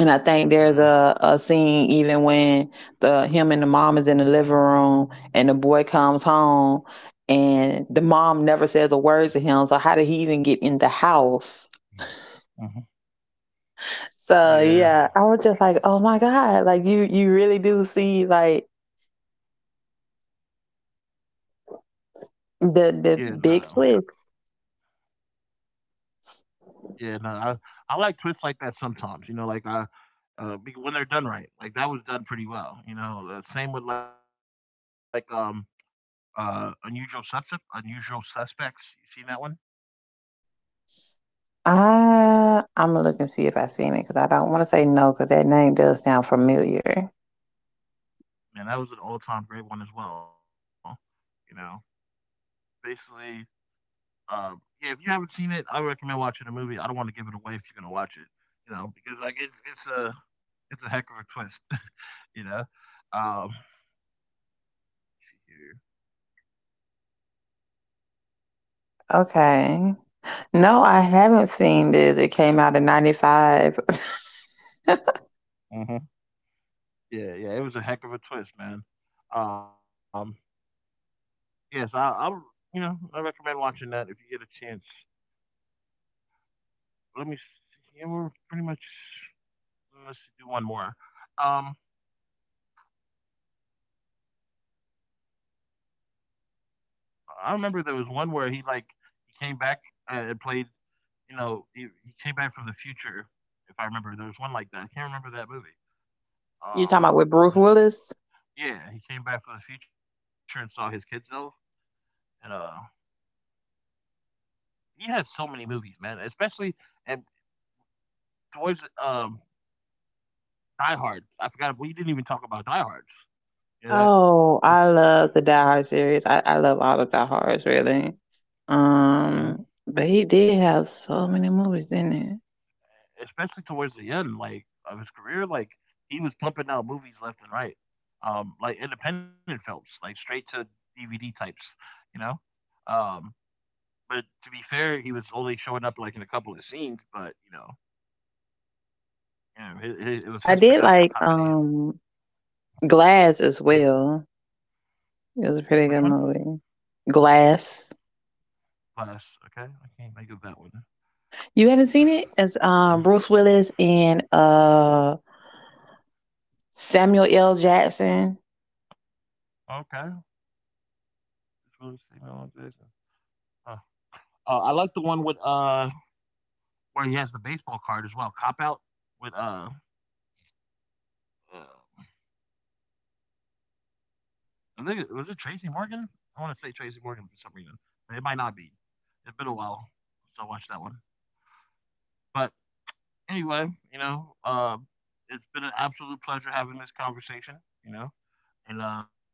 Speaker 2: And I think
Speaker 1: Uh,
Speaker 2: there's a, a scene even when the him and the mom is in the living room and the boy comes home and the mom never says a word to him. So how did he even get in the house?
Speaker 1: mm-hmm.
Speaker 2: So
Speaker 1: Yeah.
Speaker 2: yeah, I was just like, oh my God. Like you you really do see like the
Speaker 1: Yeah.
Speaker 2: the big
Speaker 1: No.
Speaker 2: twist.
Speaker 1: Yeah. No. I I like twists like that sometimes. You know, like I uh, when they're done right. Like that was done pretty well. You know, uh, same with like um uh unusual suspect, unusual suspects. You seen that one?
Speaker 2: Uh, I'm gonna look and see if I've seen it because I don't want to say no because that name does sound familiar.
Speaker 1: Man, that was an all-time great one as well, you know? Basically, uh, yeah, if you haven't seen it, I recommend watching the movie. I don't wanna give it away if you're gonna watch it, you know, because, like, it's it's a it's a heck of a twist, you know? Um,
Speaker 2: Okay. No, I haven't seen this. It came out in ninety-five.
Speaker 1: Mhm. Yeah, yeah, it was a heck of a twist, man. Um, yes, I I'll you know, I recommend watching that if you get a chance. Let me see, yeah, we're pretty much let's do one more. Um I remember there was one where he like he came back uh, and played. You know, he, he came back from the future. If I remember, there was one like that. I can't remember that movie.
Speaker 2: You talking about with
Speaker 1: Um,
Speaker 2: Bruce Willis?
Speaker 1: yeah, he came back from the future and saw his kids though, and uh, he has so many movies, man. Especially and towards um Die Hard. I forgot we didn't even talk about Die Hard. Yeah, that's
Speaker 2: Oh, I love the Die Hard series. I, I love all the Die Hards really.
Speaker 1: Uh,
Speaker 2: Um, but he did have so many movies, didn't he?
Speaker 1: especially towards the end, like of his career, like he was pumping out movies left and right, um, like independent films, like straight to D V D types, you know. Um, but to be fair, he was only showing up like in a couple of scenes, but you know, you know, it,
Speaker 2: I
Speaker 1: it, it was
Speaker 2: did
Speaker 1: his
Speaker 2: like
Speaker 1: production company.
Speaker 2: um Glass as well. It was a
Speaker 1: Which
Speaker 2: pretty good
Speaker 1: one?
Speaker 2: movie. Glass.
Speaker 1: Plus, okay, I can't think of that one.
Speaker 2: You haven't seen it? It's um Bruce Willis and uh Samuel L. Jackson.
Speaker 1: Okay, it's really Samuel L. Huh. Uh, I like the one with uh where he has the baseball card as well. Cop out with uh, uh I think it was it Tracy Morgan. I want to say Tracy Morgan for some reason. It might not be. It's been a while since I watched that one. But anyway, you know, uh, it's been an absolute pleasure having this conversation. You know, and uh,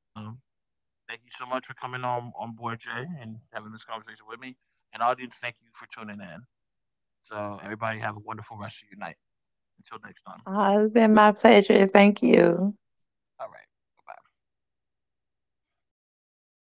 Speaker 1: thank you so much for coming on on board, Jay, and having this conversation with me. And audience, thank you for tuning in. So everybody have a wonderful rest of your night. Until next time.
Speaker 2: Oh, it's been my pleasure. Thank you.
Speaker 1: All right. Bye bye. All right.